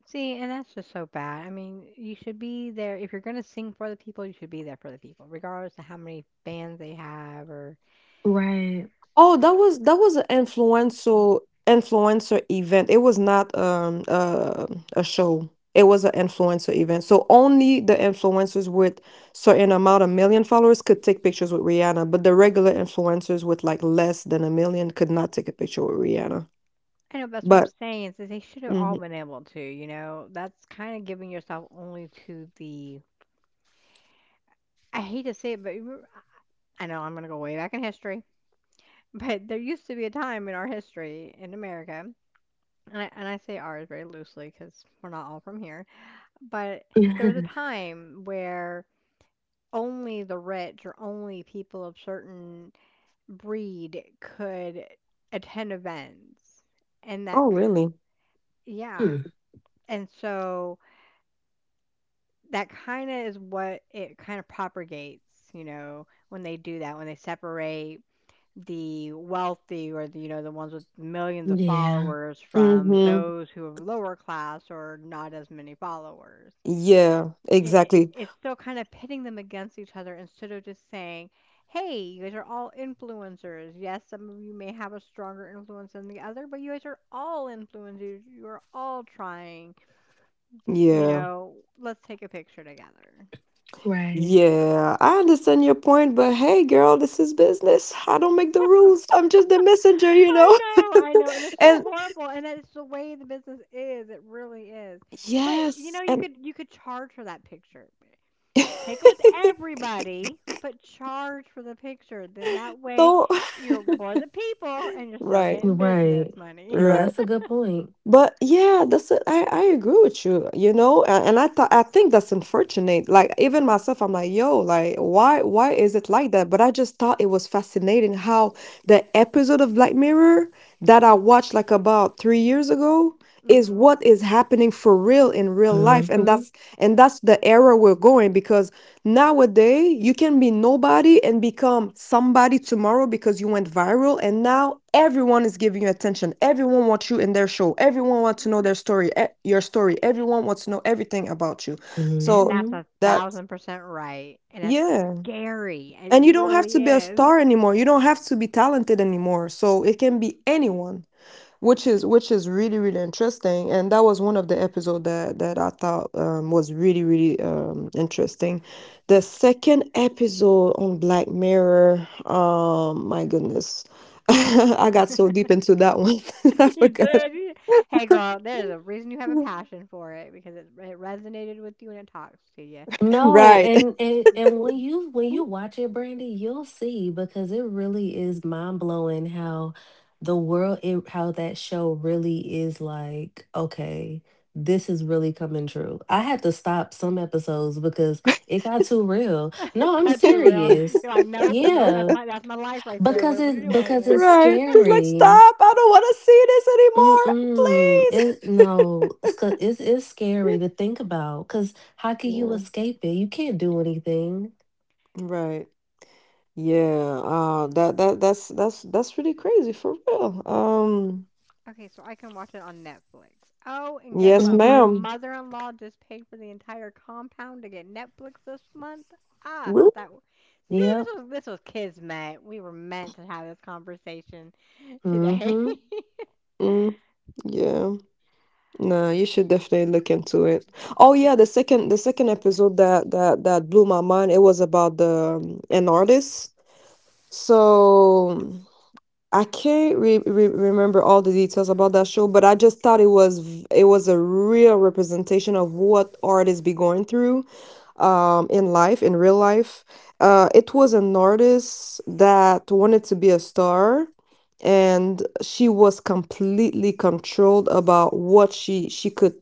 S1: See, and that's just so bad. I mean, you should be there if you're gonna sing for the people. You should be there for the people, regardless of how many fans they have or.
S2: Right.
S3: Oh, that was that was an influencer influencer event. It was not um uh, a show. It was an influencer event. So only the influencers with certain amount of million followers could take pictures with Rihanna, but the regular influencers with like less than a million could not take a picture with Rihanna.
S1: I know, but that's what I'm
S3: But
S1: saying is that they should have all
S3: mhm.
S1: been able to, you know? That's kinda giving yourself only to the. I hate to say it, but remember, I know I'm gonna go way back in history, [laughs] but there used to be a time in our history in America, and I and I say ours very loosely because 'cause we're not all from here, but there was a
S2: [laughs]
S1: time where only the rich or only people of certain breed could attend events, and that
S3: Oh
S1: k
S3: really?
S1: yeah,
S2: Hmm.
S1: and so that kinda is what it kinda propagates, you know, when they do that, when they separate the wealthy or, the, you know, the ones with millions of
S2: Yeah.
S1: followers from
S3: Mm-hmm.
S1: those who are lower class or not as many followers.
S3: Yeah,
S1: It it
S3: exactly.
S1: it's still kinda pitting them against each other instead of just saying, "Hey, you guys are all influencers. Yes, some of you may have a stronger influence than the other, but you guys are all influencers. You are all trying, you
S3: Yeah,
S1: know, let's take a picture together."
S2: Right.
S3: yeah. I understand your point, but hey, girl, this is business. I don't make the rules. I'm just the messenger, you
S1: I
S3: know? [laughs]
S1: know, I know, and it's so
S3: And
S1: horrible, and that's the way the business is. It really is. But you know,
S3: yes,
S1: you
S3: and
S1: could you could charge for that picture. Take it with
S3: [laughs]
S1: everybody, but charge for the picture. Then that way,
S3: no, [laughs]
S1: you're for the people, and you're still
S3: right,
S1: getting business
S2: Right.
S1: money.
S2: No,
S3: right.
S2: that's a good point.
S3: But yeah, that's it. I I agree with you, you know. And, and I thought I think that's unfortunate. Like even myself, I'm like, yo, like why why is it like that? But I just thought it was fascinating how the episode of Black Mirror that I watched like about three years ago
S1: [laughs]
S3: is
S1: hmm
S3: what is happening for real in real life, and
S2: Hmm.
S3: that's and that's the era we're going because nowadays, you can be nobody and become somebody tomorrow because you went viral, and now everyone is giving you attention. Everyone wants you in their show. Everyone wants to know their story, eh, your story. Everyone wants to know everything about you.
S1: And
S3: So
S1: that's
S2: Hmm.
S1: a
S3: that's
S1: thousand percent right. And that's
S3: yeah.
S1: scary. It
S3: And you don't have
S1: really
S3: to be a
S1: is.
S3: star anymore. You don't have to be talented anymore. So it can be anyone, which is which is really really interesting, and that was one of the episode that that I thought um, was really really um, interesting. The second episode on Black Mirror, um my goodness. [laughs] I got so
S1: [laughs]
S3: deep into that one. [laughs] I
S1: [laughs] You
S3: forgot.
S1: did. Hey, girl, there's a reason you have a passion for it because it, it resonated with you and it talks to you.
S2: No,
S3: Right.
S2: and,
S3: [laughs]
S2: and and when you when you watch it, Brandy, you'll see because it really is mind blowing how the world it, how that show really is like, okay, this is really coming true. I had to stop some episodes because it got too real. No,
S1: [laughs]
S2: I'm
S1: Got you real.
S2: serious.
S1: You're like, nope, nope. That's
S2: Yeah,
S1: my that's my life right there.
S2: because
S1: What, what are you
S2: it
S1: doing
S2: because
S1: here?
S2: it's
S1: [laughs]
S3: Right, she's like,
S2: scary.
S3: stop, I don't want to see this
S2: Mm-mm.
S3: anymore,
S2: It no, it's 'cause it's it's scary
S3: please.
S2: to think about because how can you escape it? You can't do anything.
S3: [laughs] Yeah, right. Yeah, uh that that that's that's that's really crazy for real. Um
S1: Okay, so I can watch it on Netflix. Oh, and guess
S3: yes,
S1: what? My
S2: Mm-hmm.
S3: ma'am.
S1: mother-in-law just paid for the entire compound to get Netflix this month. Ah,
S3: Really?
S1: that. w- See, this
S2: Yep.
S1: was this was kismet. We were meant to have this conversation today. [laughs]
S2: Mm-hmm.
S3: Mm, yeah. No, you should definitely look into it. Oh yeah, the second the second episode that that that blew my mind, it was about the um, an artist. So I can't re re remember all the details about that show, but I just thought it was v- it was a real representation of what artists be going through, um, in life, in real life. Uh, it was an artist that wanted to be a star, and she was completely controlled about what she she could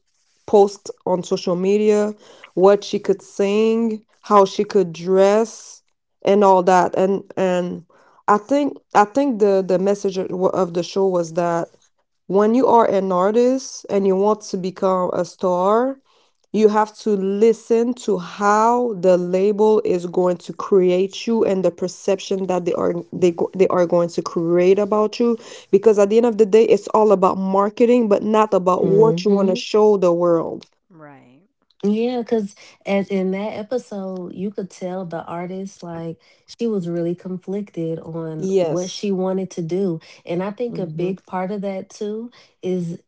S3: post on social media, what she could sing, how she could dress, and all that, and and. I think I think the the message of wa- of the show was that when you are an artist and you want to become a star, you have to listen to how the label is going to create you and the perception that they are they go- they are going to create about you because at the end of the day it's all about marketing but not about what you want to
S2: Mm-hmm.
S3: show the world.
S1: Right.
S2: Yeah, because as in that episode, you could tell the artist, like, she was really conflicted on what
S3: Yes.
S2: she wanted to do. And I think a
S3: Hmm.
S2: big part of that too is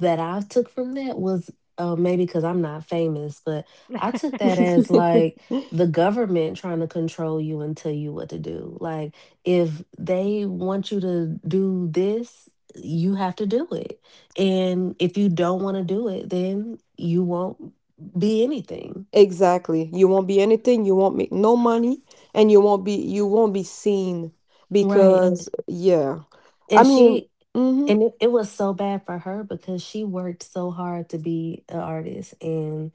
S2: that I took from that was, uh, maybe because I'm not famous, but I took that
S1: [laughs]
S2: as like
S3: [laughs]
S2: the government trying to control you and tell you what to do. Like, if they want you to do this, you have to do it. And if you don't want to do it, then you won't be anything.
S3: Exactly. You won't be anything, you won't make no money, and you won't be you won't be seen
S2: Right.
S3: because yeah. I
S2: And
S3: mean,
S2: she,
S3: mm-hmm.
S2: and it, it was so bad for her because she worked so hard to be an artist, and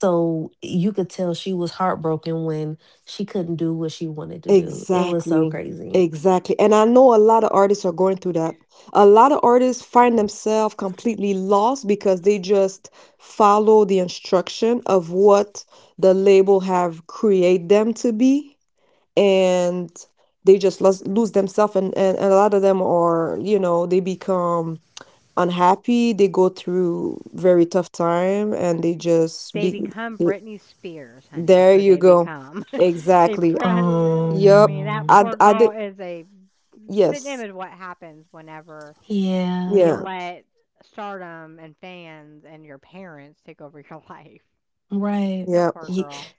S2: so you could tell she was heartbroken when she couldn't do what she wanted to do. It was so
S3: Exactly.
S2: crazy.
S1: Ma
S3: Exactly. And I know a lot of artists are going through that. A lot of artists find themselves completely lost because they just follow the instruction of what the label have create them to be, and they just lose, lose themselves, and, and, and a lot of them are, you know, they become unhappy, they go through very tough time and they just
S1: They
S3: be
S1: become
S3: they-
S1: Britney Spears, honey, is
S3: there
S1: what
S3: you
S1: they
S3: go.
S1: become. [laughs] They
S3: Exactly.
S1: pre I
S3: Yep.
S1: mean, that
S2: Um,
S3: I
S1: poor
S3: d- I
S1: girl
S3: did,
S1: is a spit
S3: yes.
S1: image of what happens whenever
S2: yeah,
S1: you
S3: Yeah.
S1: let stardom and fans and your parents take over [laughs] your life.
S2: right.
S1: That
S3: Yeah.
S1: poor girl.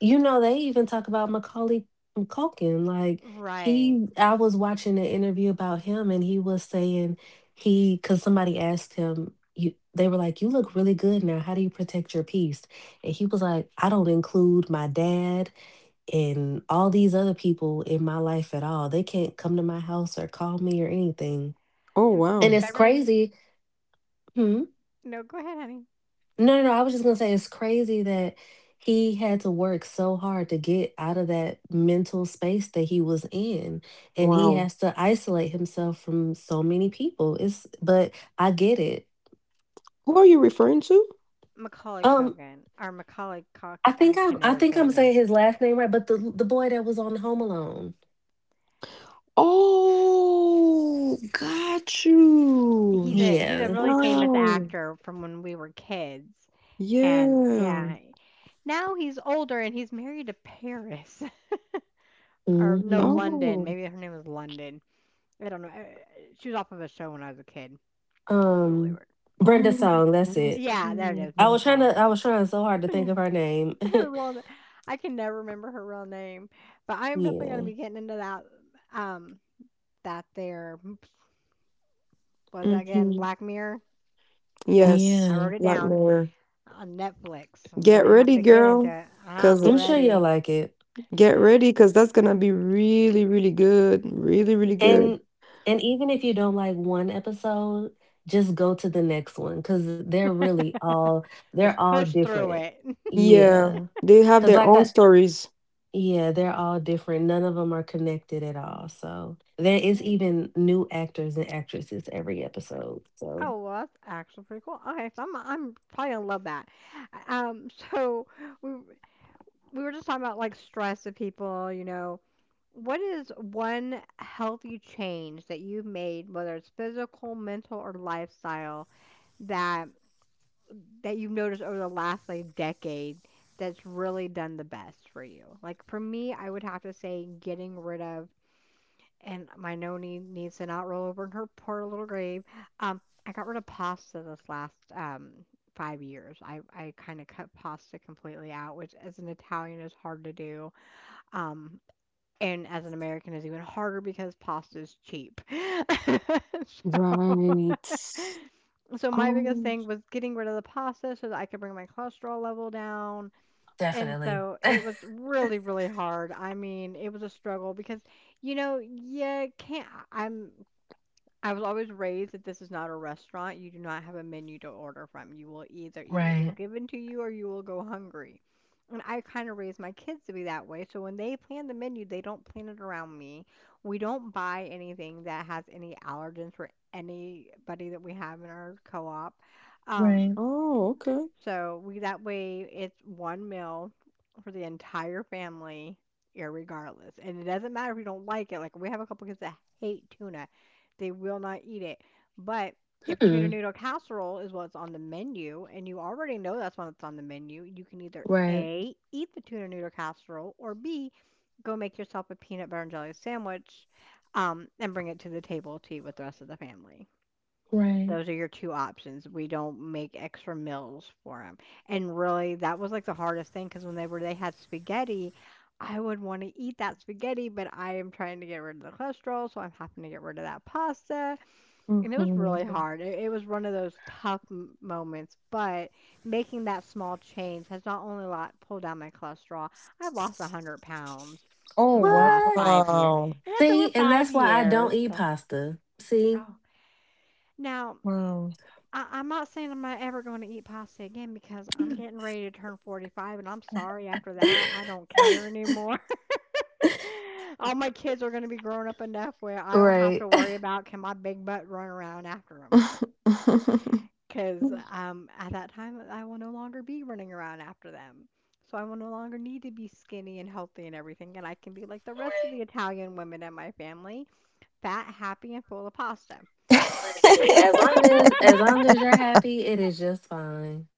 S2: You know, they even talk about Macaulay Culkin. Like,
S1: Right.
S2: he, I was watching an interview about him, and he was saying he, because somebody asked him, you, they were like, "You look really good now, how do you protect your peace?" And he was like, "I don't include my dad and all these other people in my life at all. They can't come to my house or call me or anything."
S3: Oh
S1: And
S2: And
S3: wow.
S2: it's
S1: Beverly,
S2: crazy. Mhm.
S1: no, go ahead, honey.
S2: No, no, no. I was just gonna say it's crazy that he had to work so hard to get out of that mental space that he was in, and he
S3: Wow.
S2: has to isolate himself from so many people. It's, but I get it.
S3: Who are you referring to?
S1: Macaulay
S2: Um,
S1: Culkin or Macaulay Cock.
S2: I
S1: I
S2: think I'm
S1: can
S2: I
S1: never
S2: think
S1: say
S2: I'm
S1: his name.
S2: saying his last name right, but the the boy that was on Home Alone.
S3: Oh, got you.
S1: He's a he's a
S2: Yeah.
S1: really famous
S3: Wow.
S1: actor from when we were kids, and
S3: Yeah.
S1: yeah, now he's older and he's married to Paris [laughs] or no,
S2: Mm-hmm.
S1: London.
S3: Oh.
S1: Maybe her name was London. I don't know. Uh, she was off of a show when I was a kid. It was really
S2: Um, Brenda
S3: Oh.
S2: Song. That's
S1: [laughs]
S2: it.
S1: yeah, there it is.
S2: I
S3: Awesome.
S1: Brenda
S2: was trying
S1: Song.
S2: to, I was trying so hard to think of her name. [laughs]
S1: [laughs] Her real, na- I can never remember her real name, but I am definitely going to
S2: Yeah.
S1: be getting into that. Um, that there was that again
S3: Mm-hmm.
S1: Black Mirror. Yeah,
S3: Yes.
S1: I
S2: Yeah.
S1: wrote it
S3: Like
S1: down
S3: mirror.
S1: on Netflix. I'm
S3: Get
S1: gonna have
S3: ready,
S1: to get into
S3: girl.
S1: it.
S3: Because.
S1: I'm
S2: I'm sure you'll
S1: ready.
S2: like it.
S3: Get ready, cause that's gonna be really, really good, really, really good.
S2: And, and even if you don't like one episode, just go to the next one because they're really
S1: [laughs]
S2: all, they're
S1: Just
S2: all
S1: push through
S2: different.
S1: it.
S3: Yeah,
S2: Yeah,
S3: they have
S2: because
S3: their
S2: like
S3: own
S2: I,
S3: stories.
S2: yeah, they're all different. None of them are connected at all. So there is
S1: [laughs]
S2: even new actors and actresses every episode. So
S1: Oh, well, that's actually pretty cool. Okay, so I'm I'm probably gonna love that. Um, [laughs] so we we were just talking about like stress of people, you know. What is one healthy change that you've made, whether it's physical, mental, or lifestyle, that that you've noticed over the last like decade that's really done the best for you? Like for me, I would have to say getting rid of, and my noni needs to not roll over in her poor little grave. Um, I got rid of pasta this last um, five years. I, I kind of cut pasta completely out, which as an Italian is hard to do. Um, and as an American is even harder because pasta is cheap. [laughs] so,
S3: Right.
S1: so my biggest
S3: Oh,
S1: thing was getting rid of the pasta so that I could bring my cholesterol level down. And
S2: definitely,
S1: so it was really, really hard. I mean, it was a struggle because you know, you can't. I'm I was always raised that this is not a restaurant. You do not have a menu to order from. You will either eat what is
S2: right,
S1: given to you or you will go hungry. And I kind of raised my kids to be that way. So when they plan the menu, they don't plan it around me. We don't buy anything that has any allergens for anybody that we have in our co op. Um,
S2: right,
S3: oh, okay.
S1: so we, that way, it's one meal for the entire family, irregardless. And it doesn't matter if you don't like it. Like we have a couple kids that hate tuna. They will not eat it. But if tuna
S2: hmm,
S1: noodle casserole is what's on the menu and you already know that's what's on the menu, you can either
S2: right,
S1: A, eat the tuna noodle casserole, or B, go make yourself a peanut butter and jelly sandwich um, and bring it to the table to eat with the rest of the family.
S2: right.
S1: Those are your two options. We don't make extra meals for them, and really, that was like the hardest thing because whenever they had spaghetti, I would wanna eat that spaghetti, but I am trying to get rid of the cholesterol, so I'm having to get rid of that pasta, and it was really
S3: Mhm.
S1: hard. It it was one of those tough m moments, but making that small change has not only lot pulled down my cholesterol, I've lost one hundred pounds in
S3: Oh,
S1: the last
S2: What?
S1: five years,
S3: wow.
S1: and that's over
S2: See, and
S1: five
S2: that's why I
S1: years.
S2: don't eat
S1: So—
S2: pasta. See,
S1: Oh, now
S3: Wow.
S1: I, I'm not saying I'm not ever going to eat pasta again because I'm getting ready to turn forty-five, and I'm sorry after that, I don't care anymore. [laughs] All my kids are going to be grown up enough where I don't have
S2: right.
S1: to
S2: [laughs]
S1: worry about can my big butt run around after them. Because
S3: [laughs]
S1: um, at that time, I will no longer be running around after them. So I will no longer need to be skinny and healthy and everything, and I can be like the rest of the
S2: Right.
S1: Italian women in my family, fat, happy, and full of pasta. [laughs]
S2: Listen, as long as
S3: [laughs]
S2: as long as you're happy, it is just fine.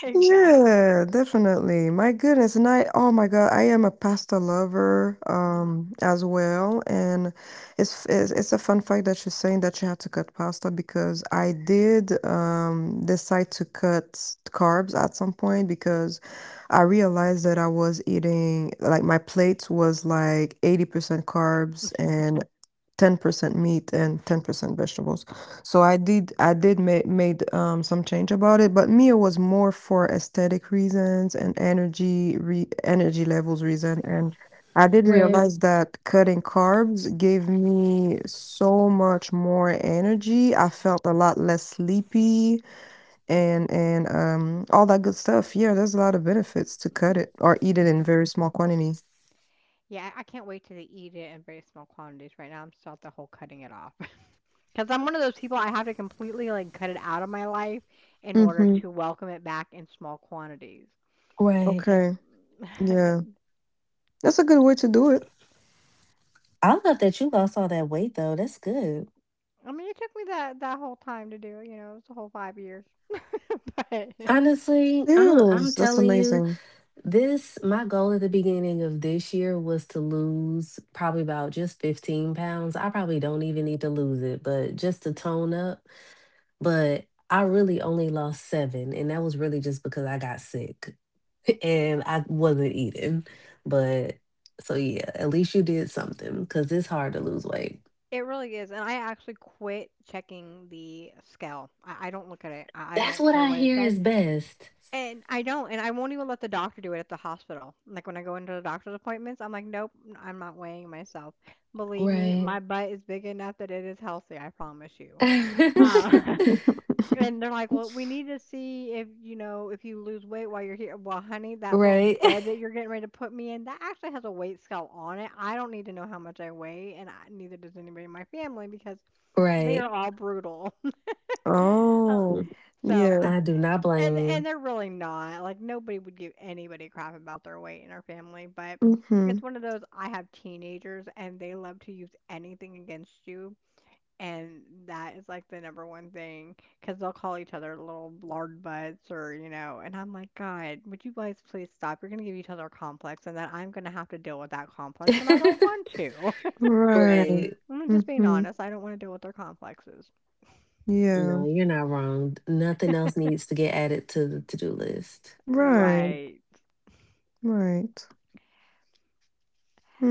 S1: Exactly.
S3: Yeah, definitely. My goodness. And I, oh my God, I am a pasta lover
S1: Mm-hmm.
S3: um as well. And it's it's, it's a fun fact that she's saying that she had to cut pasta because I did um decide to cut carbs at some point because I realized that I was eating like my plate was like eighty percent carbs and ten percent meat and ten percent vegetables. So I did I did make made um some change about it, but meal was more for aesthetic reasons and energy re energy levels reason. And I did
S2: Right.
S3: realize that cutting carbs gave me so much more energy. I felt a lot less sleepy and and um all that good stuff. Yeah, there's a lot of benefits to cut it or eat it in very small quantity.
S1: Yeah, I I can't wait to eat it in very small quantities. Right now, I'm still at the whole cutting it off [laughs] because 'Cause I'm one of those people. I have to completely like cut it out of my life in order
S3: Mm-hmm.
S1: to welcome it back in small quantities.
S2: Right.
S3: Okay.
S1: [laughs]
S3: Yeah.
S1: And,
S3: That's a good way to do it.
S2: I love that you lost all that weight though. That's good.
S1: I mean, it took me that that whole time to do, you know, it was a whole five years. [laughs] But
S2: Honestly, I'm I'm
S3: Serious? That's
S2: telling you,
S3: amazing.
S2: this my goal at the beginning of this year was to lose probably about just fifteen pounds. I probably don't even need to lose it, but just to tone up. But I really only lost seven, and that was really just because I got sick. [laughs] And I wasn't eating. But so yeah, at least you did something because it's hard to lose weight.
S1: it really is. And I actually quit checking the scale. I, I don't look at it. I, I
S2: That's
S1: don't
S2: what
S1: care
S2: I
S1: what it
S2: hear
S1: says.
S2: is best.
S1: And I don't, and I won't even let the doctor do it at the hospital. Like when I go into the doctor's appointments, I'm like, nope, n- I'm not weighing myself. Believe me,
S2: Right.
S1: my butt is big enough that it is healthy. I promise you.
S2: [laughs]
S1: Uh, [laughs]
S3: [laughs]
S1: and they're like, well, we need to see if you know if you lose weight while you're here. Well, honey, that little
S2: Right.
S1: bed
S2: [laughs]
S1: that you're getting ready to put me in, that actually has a weight scale on it. I don't need to know how much I weigh, and I, neither does anybody in my family because they are
S2: Right.
S1: all brutal. [laughs] Uh,
S3: Oh,
S1: so
S3: yeah.
S1: I,
S2: I do not
S1: and and
S2: blame
S1: they're really not, like, nobody would give anybody crap about their weight in our family, but
S3: Mhm.
S1: it's one of those. I have teenagers and they love to use anything against you, and that is like the number one thing because they'll call each other little lard butts, or, you know, and I'm like, god, would you guys please stop? You're going to give each other a complex, and then I'm going to have to deal with that complex and I
S2: you.
S1: don't
S2: [laughs]
S1: want to.
S3: Right.
S2: Right.
S1: [laughs] I'm just being
S3: Mhm.
S1: honest, I don't want to deal with their complexes.
S3: Yeah.
S2: No, you're not wrong. Nothing else needs to get added to the to do list.
S3: Right.
S1: Right.
S3: Right.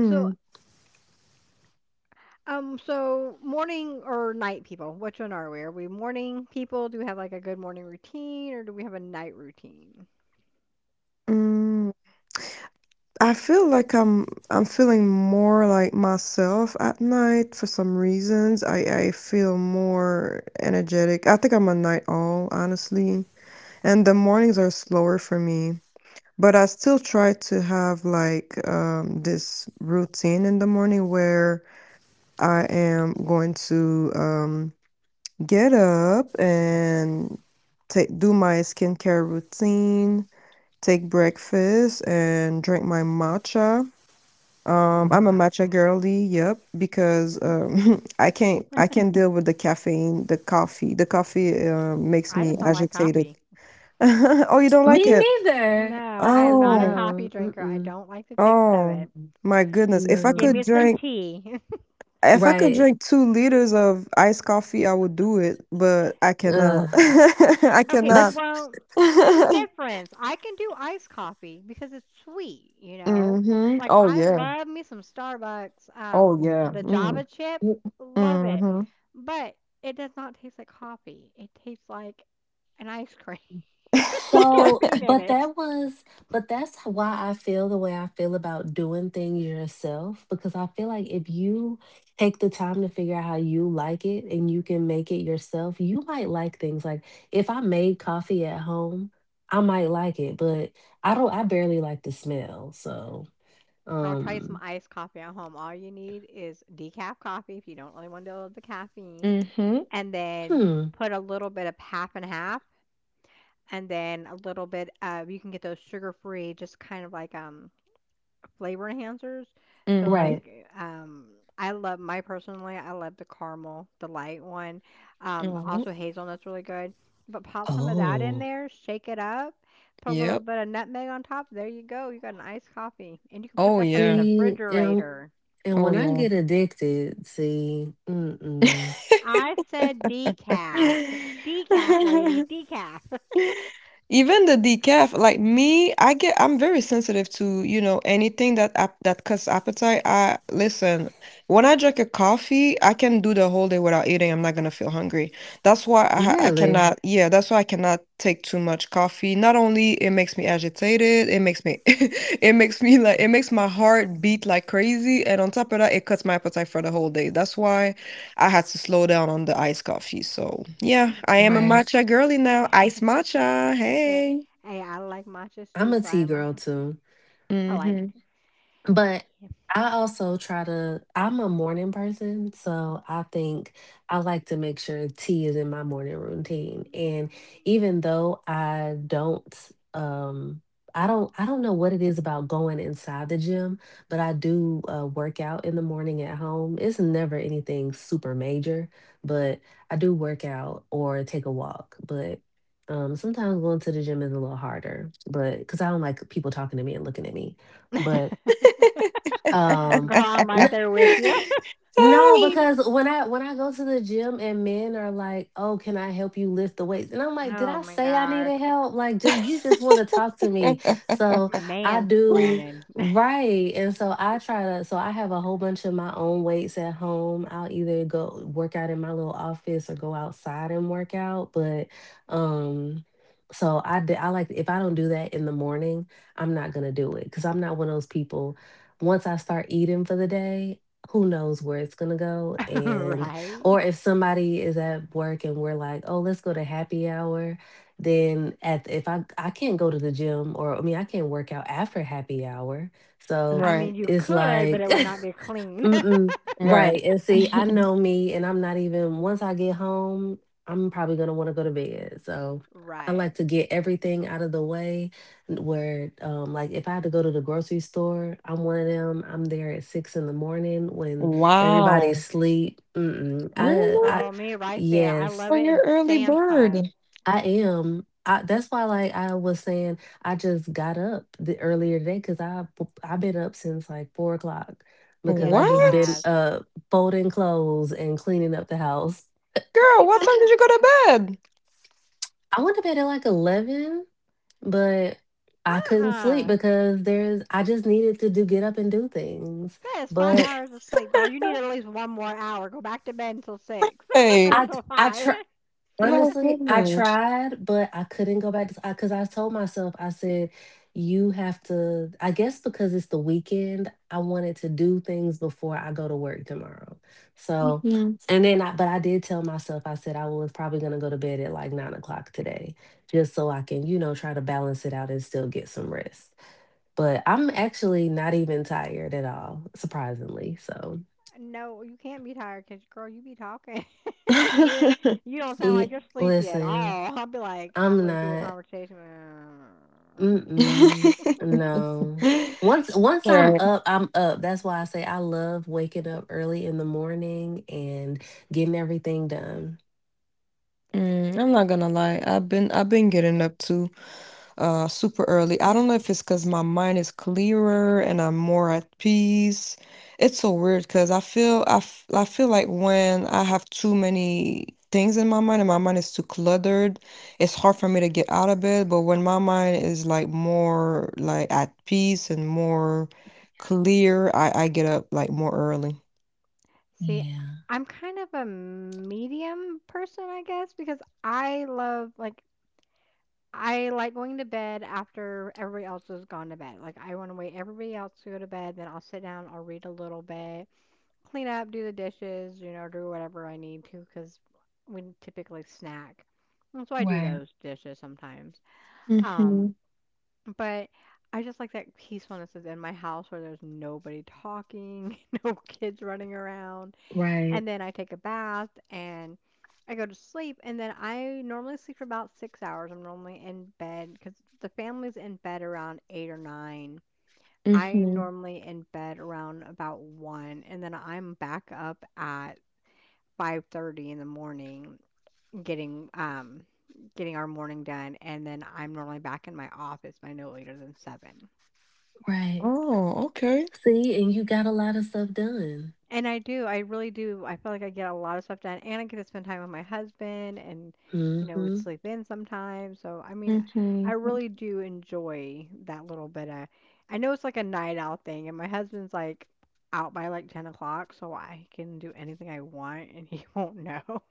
S1: So Um, so, morning or night people? Which one are we? Are we morning people? Do we have like a good morning routine or do we have a night routine?
S3: Mm. I feel like I'm I'm feeling more like myself at night for some reasons. I I feel more energetic. I think I'm a night owl, honestly. And the mornings are slower for me, but I still try to have like um, this routine in the morning where I am going to um, get up and take do my skincare routine, take breakfast, and drink my matcha. Um,
S1: Mm,
S3: I'm a
S1: matcha.
S3: matcha girly, yep, because um, [laughs] I can't I can't deal with the caffeine, the coffee. The coffee uh, makes
S1: I
S3: me
S1: just don't like
S3: agitated.
S1: coffee.
S3: [laughs] Oh, you don't
S2: Me
S3: like it?
S2: neither.
S1: No, I
S2: I,
S1: am not a
S3: Oh,
S2: no.
S1: coffee drinker. I
S2: Mm-mm.
S1: don't like the taste of
S3: oh
S1: it.
S3: my goodness. If I
S1: Give
S2: No.
S3: could
S1: me some
S3: drink,
S1: tea. [laughs]
S3: if I could
S2: Right.
S3: drink two liters of iced coffee, I would do it, but I
S2: Ugh.
S3: cannot. [laughs] I
S1: Okay,
S3: cannot.
S2: But
S1: well, there's a
S3: [laughs]
S1: difference. I can do iced coffee because it's sweet, you know?
S3: Mm-hmm.
S1: Like
S3: Oh
S1: I
S3: yeah.
S1: love me some Starbucks,
S3: Oh
S1: um,
S3: yeah.
S1: the Java
S3: Mm.
S1: chip, love it.
S3: Mm-hmm.
S1: But it does not taste like coffee. It tastes like an ice cream [laughs] with
S3: [laughs]
S2: so,
S1: caffeine in
S2: but
S1: it.
S2: that was but that's why I feel the way I feel about doing things yourself, because I feel like if you take the time to figure out how you like it and you can make it yourself, you might like things. Like, if I made coffee at home, I might like it, but I don't, I barely like the smell. So,
S1: Girl, try some
S2: um,
S1: iced coffee at home. All you need is decaf coffee if you don't really want to deal with the caffeine,
S3: Mm-hmm.
S1: and then
S2: hmm,
S1: put a little bit of half and half, and then a little bit of, you can get those sugar free, just kind of like um flavor enhancers. So
S3: Mm-hmm.
S1: like
S2: right.
S1: eh, um I love, my personally I love the caramel, the light one. Um
S3: Mm-hmm.
S1: also hazelnut's really good. But pop some of that in
S2: Oh,
S1: there, shake it up, put a little
S3: Yep.
S1: bit of nutmeg on top. There you go. You got an iced coffee. And you can put
S3: Oh
S1: that stuff in
S3: yeah.
S1: the
S2: see, and
S1: refrigerator.
S2: and when I
S3: Oh
S2: get addicted, see,
S3: yeah.
S2: mm-mm.
S1: I said decaf. Decaf lady,
S3: [laughs]
S1: decaf.
S3: Even the decaf, like me, I get I'm very sensitive to, you know, anything that ap that cuts appetite. I listen, when I drink a coffee, I can do the whole day without eating. I'm not gonna feel hungry. That's why I, ha- I
S2: Really?
S3: cannot, yeah, that's why I cannot take too much coffee. Not only it makes me agitated, it makes me [laughs] it makes me like it makes my heart beat like crazy, and on top of that, it cuts my appetite for the whole day. That's why. I had to slow down on the iced coffee. So yeah, I
S1: [laughs]
S3: am a
S1: I'm
S2: Right.
S3: matcha girly now. Iced
S1: [laughs]
S3: matcha.
S1: there.
S3: Hey.
S1: Hey, I like matchas
S2: I'm
S1: too,
S2: a
S1: so I
S2: tea
S1: am.
S2: girl too.
S1: I like
S3: Mm-hmm.
S2: But I also try to, I'm a morning person, so I think I like to make sure tea is in my morning routine. And even though I don't, um I don't, I don't know what it is about going inside the gym, but I do, uh, work out in the morning at home. It's never anything super major, but I do work out or take a walk. But, um, sometimes going to the gym is a little harder, but because I don't like people talking to me and looking at me.
S1: decaf.
S2: But
S1: [laughs] [laughs] [laughs]
S2: um,
S1: Girl, I'm right
S2: n-
S1: there with you. [laughs]
S3: [laughs]
S2: no,
S3: Ah,
S2: because when I, when I go to the gym and men are like, "Oh, can I help you lift the weights?" and I'm like, "Did
S1: Oh
S2: I
S1: my
S2: say I
S1: gosh.
S2: needed help? Like, ju- you just want to talk to me." So I do,
S1: Mansplaining,
S2: right, and so I try to. So I have a whole bunch of my own weights at home. I'll either go work out in my little office or go outside and work out. But, um, so I d- I like, if I don't do that in the morning, I'm not gonna do it, because I'm not one of those people. Once I start eating for the day, who knows where it's going to go.
S1: [laughs]
S2: And
S1: right?
S2: or if somebody is at work and we're like, oh, let's go to happy hour, then at the- if I I can't go to the gym, or I mean, I can't work out after happy hour. So
S1: I
S3: right.
S1: mean, you
S2: it's
S1: could, but it
S2: like,
S1: would not be
S2: [laughs]
S1: clean. [laughs]
S2: mm-mm.
S3: Right.
S2: Right. And see, I know
S3: [laughs]
S2: me, and I'm not even, once I get home, I'm probably going to want to go to bed. So I like
S1: Right.
S2: to get everything out of the way n- where, um, like, if I have to go to the grocery store, I'm one of them. I'm there at six in the morning when everybody's
S3: Wow.
S2: asleep. Mm-mm. I, uh,
S3: Really?
S2: I,
S1: Girl, me right there. I
S2: yes.
S3: Oh,
S1: love it
S3: you're
S1: in
S3: early
S1: Sam's
S3: bird.
S1: Club.
S2: I am. I, that's why, like I was saying, I just got up the earlier today because I p- I've been up since like four o'clock because
S1: Yes,
S2: I
S1: she
S2: just been
S1: has.
S3: What?
S2: uh folding clothes and cleaning up the house.
S1: I
S3: Girl,
S1: keep
S3: what time did
S1: telling
S3: you go to
S2: I went to bed at like eleven, but I
S1: her,
S2: couldn't sleep
S1: uh-uh.
S2: because there's I just needed to do, get up and do things.
S1: That is five
S3: bed?
S2: But
S1: hours
S3: [laughs]
S1: of sleep, girl. You need at least one more hour. Go back to bed until six [laughs] or
S3: Hey,
S2: I,
S1: until
S2: I
S1: five.
S2: tr-
S3: my
S2: honestly, I
S3: goodness.
S2: tried, but I couldn't go back to, because I because I told myself, I said, you have to, I guess because it's the weekend, I wanted to do things before I go to work tomorrow. So,
S3: Mhm.
S2: and then I, but I did tell myself, I said I was probably going to go to bed at like nine o'clock today, just so I can, you know, try to balance it out and still get some rest. But I'm actually not even tired at all, surprisingly. So,
S1: No, you can't be tired because, girl, you be talking. [laughs] Yeah, you don't sound
S2: yeah,
S1: like you're sleepy at
S2: listen,
S1: all. [laughs] I'll be like
S2: I'm
S1: halfway through the
S2: not.
S1: conversation.
S2: Mm-mm.
S3: [laughs]
S2: No. Once once
S3: [laughs]
S2: I'm
S3: Right.
S2: up, I'm up. That's why I say I love waking up early in the morning and getting everything done.
S3: Mm, I'm not gonna lie. I've been I've been getting up too, uh super early. I don't know if it's because my mind is clearer and I'm more at peace. It's so weird because I feel I, f I feel like when I have too many things in my mind and my mind is too cluttered, it's hard for me to get out of bed. But when my mind is like more like at peace and more clear, I, I get up like more early.
S1: [laughs] See,
S2: Yeah.
S1: I'm kind of a medium person, I guess, because I love like I like going to bed after everybody else has gone to bed. Like I want to wait everybody else to go to bed, then I'll sit down, I'll read a little bit, clean up, do the dishes, you know, do whatever I need to because we typically snack. And so I do
S2: Right.
S1: those dishes sometimes.
S3: Mm-hmm.
S1: Um, But I just like that peacefulness is in my house where there's nobody talking, [laughs] no kids running around.
S2: Right.
S1: And then I take a bath and I go to sleep. And then I normally sleep for about six hours. I'm normally in bed because the family's in bed around eight or nine. I
S3: Mm-hmm.
S1: normally in bed around about one, and then I'm back up at five thirty in the morning getting um getting our morning done, and then I'm normally back in my office by no later than seven.
S2: Right.
S3: Oh, okay.
S2: See, and you got a lot of stuff done.
S1: And I do, I really do. I feel like I get a lot of stuff done and I get to spend time with my husband and, you know, we
S2: Mm-hmm.
S1: sleep in sometimes. So, I mean, I
S3: Mm-hmm.
S1: really
S3: [laughs]
S1: do enjoy that little bit of, I know it's like a night out thing and my husband's like out by like ten o'clock, so I can do anything I want and he [laughs] won't know.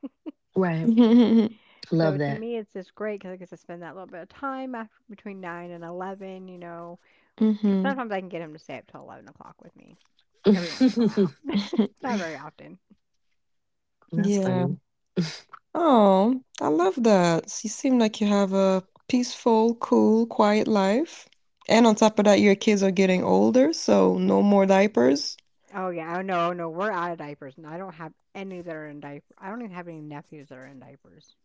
S2: Right.
S3: Mm-hmm.
S1: So
S2: Love
S1: to
S2: that.
S1: me, it's just great because I get to spend that little bit of time after, between nine and eleven, you know, 'cause sometimes I can get him to stay up till eleven o'clock with me
S2: [laughs]
S1: every once in a while. [laughs] Not very often.
S3: [laughs]
S2: That's
S3: Yeah.
S2: funny.
S3: Oh, I love that. So you seem like you have a peaceful, cool, quiet life. And on top of that, your kids are getting older, so no more diapers.
S1: Oh yeah, oh no, oh no, we're out of diapers, and I don't have any that are in diaper. I don't even have any nephews that are in diapers.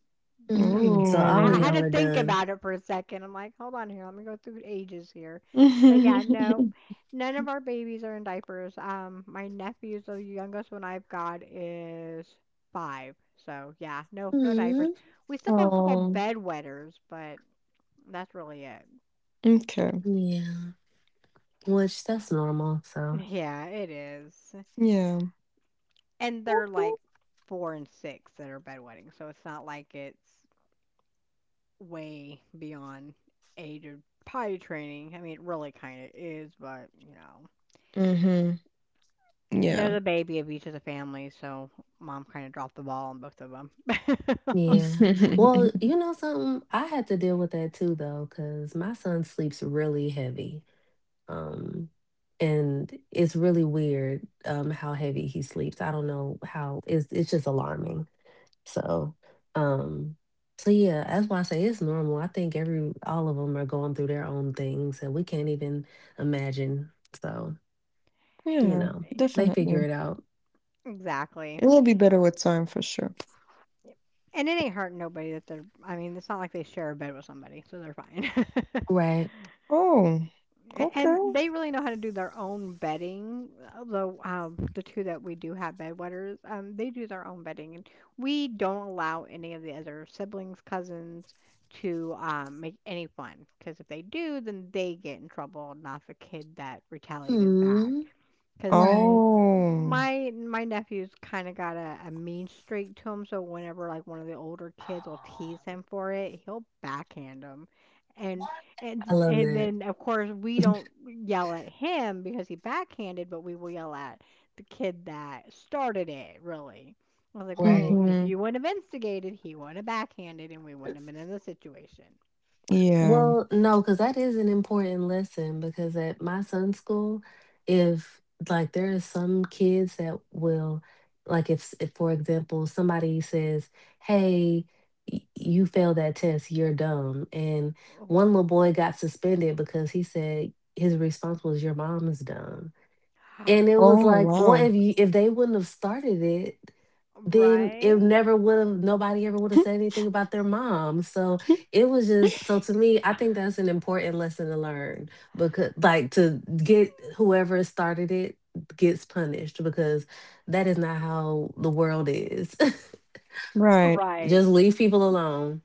S1: No,
S2: Mm, so all
S1: I,
S2: of
S1: I had
S3: Ooh.
S2: y'all
S1: to
S2: are
S1: think
S2: done.
S1: about it for a second. I'm like, hold on here, let me go through ages here, but yeah, no,
S3: [laughs]
S1: none of our babies are in diapers. Um, my nephews, the youngest one I've got is five, so yeah, no, no diapers.
S2: Mm,
S1: We still have a couple
S3: Oh,
S1: bed wetters, but that's really it.
S3: okay.
S2: yeah. Which that's normal. So.
S1: [laughs] Yeah, it is.
S3: Yeah.
S1: And they're like four and six that are bedwetting, so it's not like it's way beyond age of potty training. I mean, it really kinda is, but, you know,
S3: Mm-hmm.
S1: they're
S3: Yeah.
S1: the baby of each of the families, so mom kinda dropped the ball on both of them. [laughs]
S2: Yeah. Well,
S3: [laughs]
S2: you know something? I had to deal with that too though, because my son sleeps really heavy. Um, and it's really weird um how heavy he sleeps. I don't know how, it's it's just alarming. So, um, so yeah, that's why I say it's normal. I think every, all of them are going through their own things that we can't even imagine. So, you
S3: Yeah,
S2: know, they figure
S3: definitely.
S2: it out.
S1: Exactly.
S3: It will be better with time for sure.
S1: And it ain't hurting nobody that they're I mean, it's not like they share a bed with somebody, so they're fine. [laughs]
S2: Right.
S3: Oh,
S1: A- And
S3: okay.
S1: they really know how to do their own bedding. Although um, the two that we do have bedwetters, um, they do their own bedding, and we don't allow any of the other siblings, cousins, to um, make any fun. Because if they do, then they get in trouble, not the kid that retaliated back.
S2: Mm,
S1: Because
S2: right.
S3: Oh.
S1: my my nephew's kind of got a, a mean streak to him, so whenever like one of the older kids will tease
S2: Oh,
S1: him for it, he'll backhand him, and
S2: what? I
S1: and
S2: love
S1: and
S2: that.
S1: then of course we don't yell at him because he backhanded, but we will yell at the kid that started it. Really, I was like, well,
S2: Right.
S1: if
S3: Mm-hmm.
S1: you wouldn't have instigated, he wouldn't have backhanded, and we wouldn't have been in this situation.
S3: Yeah.
S2: Well, no, because that is an important lesson, because at my son's school, if, like, there are some kids that will, like if, s- if, for example, somebody says, hey, y- you failed that test, you're dumb. And
S1: Oh,
S2: one little boy got suspended because he said his response was your mom is dumb. And
S1: [gasps]
S2: it was
S3: Oh,
S2: like, well,
S3: wow.
S2: if you, if they wouldn't have started it, then it
S1: Right,
S2: never would have, nobody ever would have said anything about their mom. So
S3: [laughs]
S2: it was just so, to me, I think that's an important lesson to learn, because like, to get whoever started it gets punished, because that is not how the world is.
S3: Right.
S2: [laughs] Just
S1: right.
S2: leave people alone.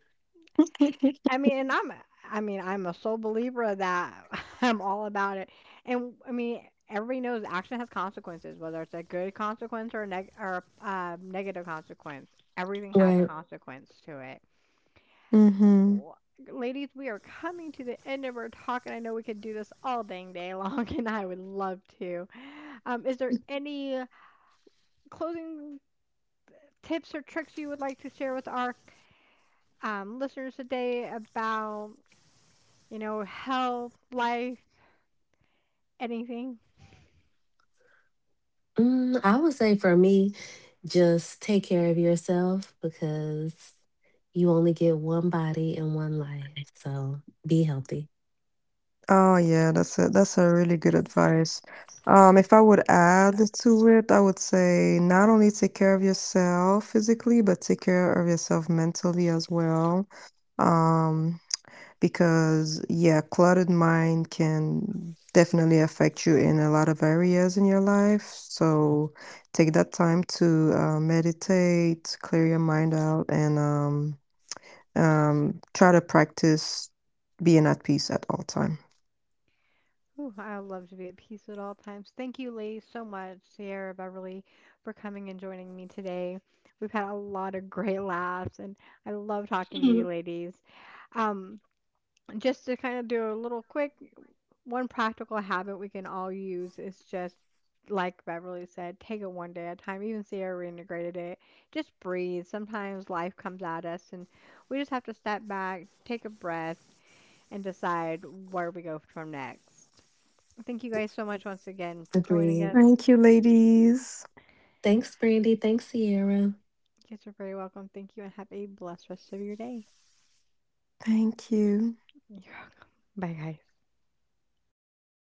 S1: I
S3: [laughs]
S1: mean, and I'm a I am I mean, I'm a sole believer that [laughs] I'm all about it. And I mean, Everybody knows action has consequences, whether it's a good consequence or a neg- or a uh, negative consequence. Everything has a Mhm.
S2: Right.
S1: consequence to it.
S3: Mhm.
S1: Wh- Ladies, we are coming to the end of our talk, and I know we could do this all dang day long, [laughs] and I would love to. Um, is there any closing tips or tricks you would like to share with our um, listeners today about you know, health, life, anything?
S2: Mm, I would say for me, just take care of yourself, because you only get one body and one life, so be healthy.
S3: Oh, yeah, that's a that's a really good advice. Um, if I would add to it, I would say not only take care of yourself physically, but take care of yourself mentally as well. Um, because yeah, cluttered mind can definitely affect you in a lot of areas in your life. So take that time to uh, meditate, clear your mind out, and um, um, try to practice being at peace at all time.
S1: Ooh, I would love to be at peace at all times. Thank you, ladies, so much, Sierra, Beverly, for coming and joining me today. We've had a lot of great laughs, and I love talking to
S2: Mhm.
S1: you, ladies. Um, just to kind of do a little quick one practical habit we can all use is just like Beverly said, take it one day at a time. Even Sierra reintegrated it. Just breathe. Sometimes life comes at us, and we just have to step back, take a breath, and decide where we go from next. Thank you guys so much once again for joining
S2: Agreed.
S1: us.
S3: Thank you, ladies.
S2: Thanks, Brandy. Thanks, Sierra.
S1: You guys are very welcome. Thank you and have a blessed rest of your day.
S3: Thank you.
S1: You're welcome. Bye, guys.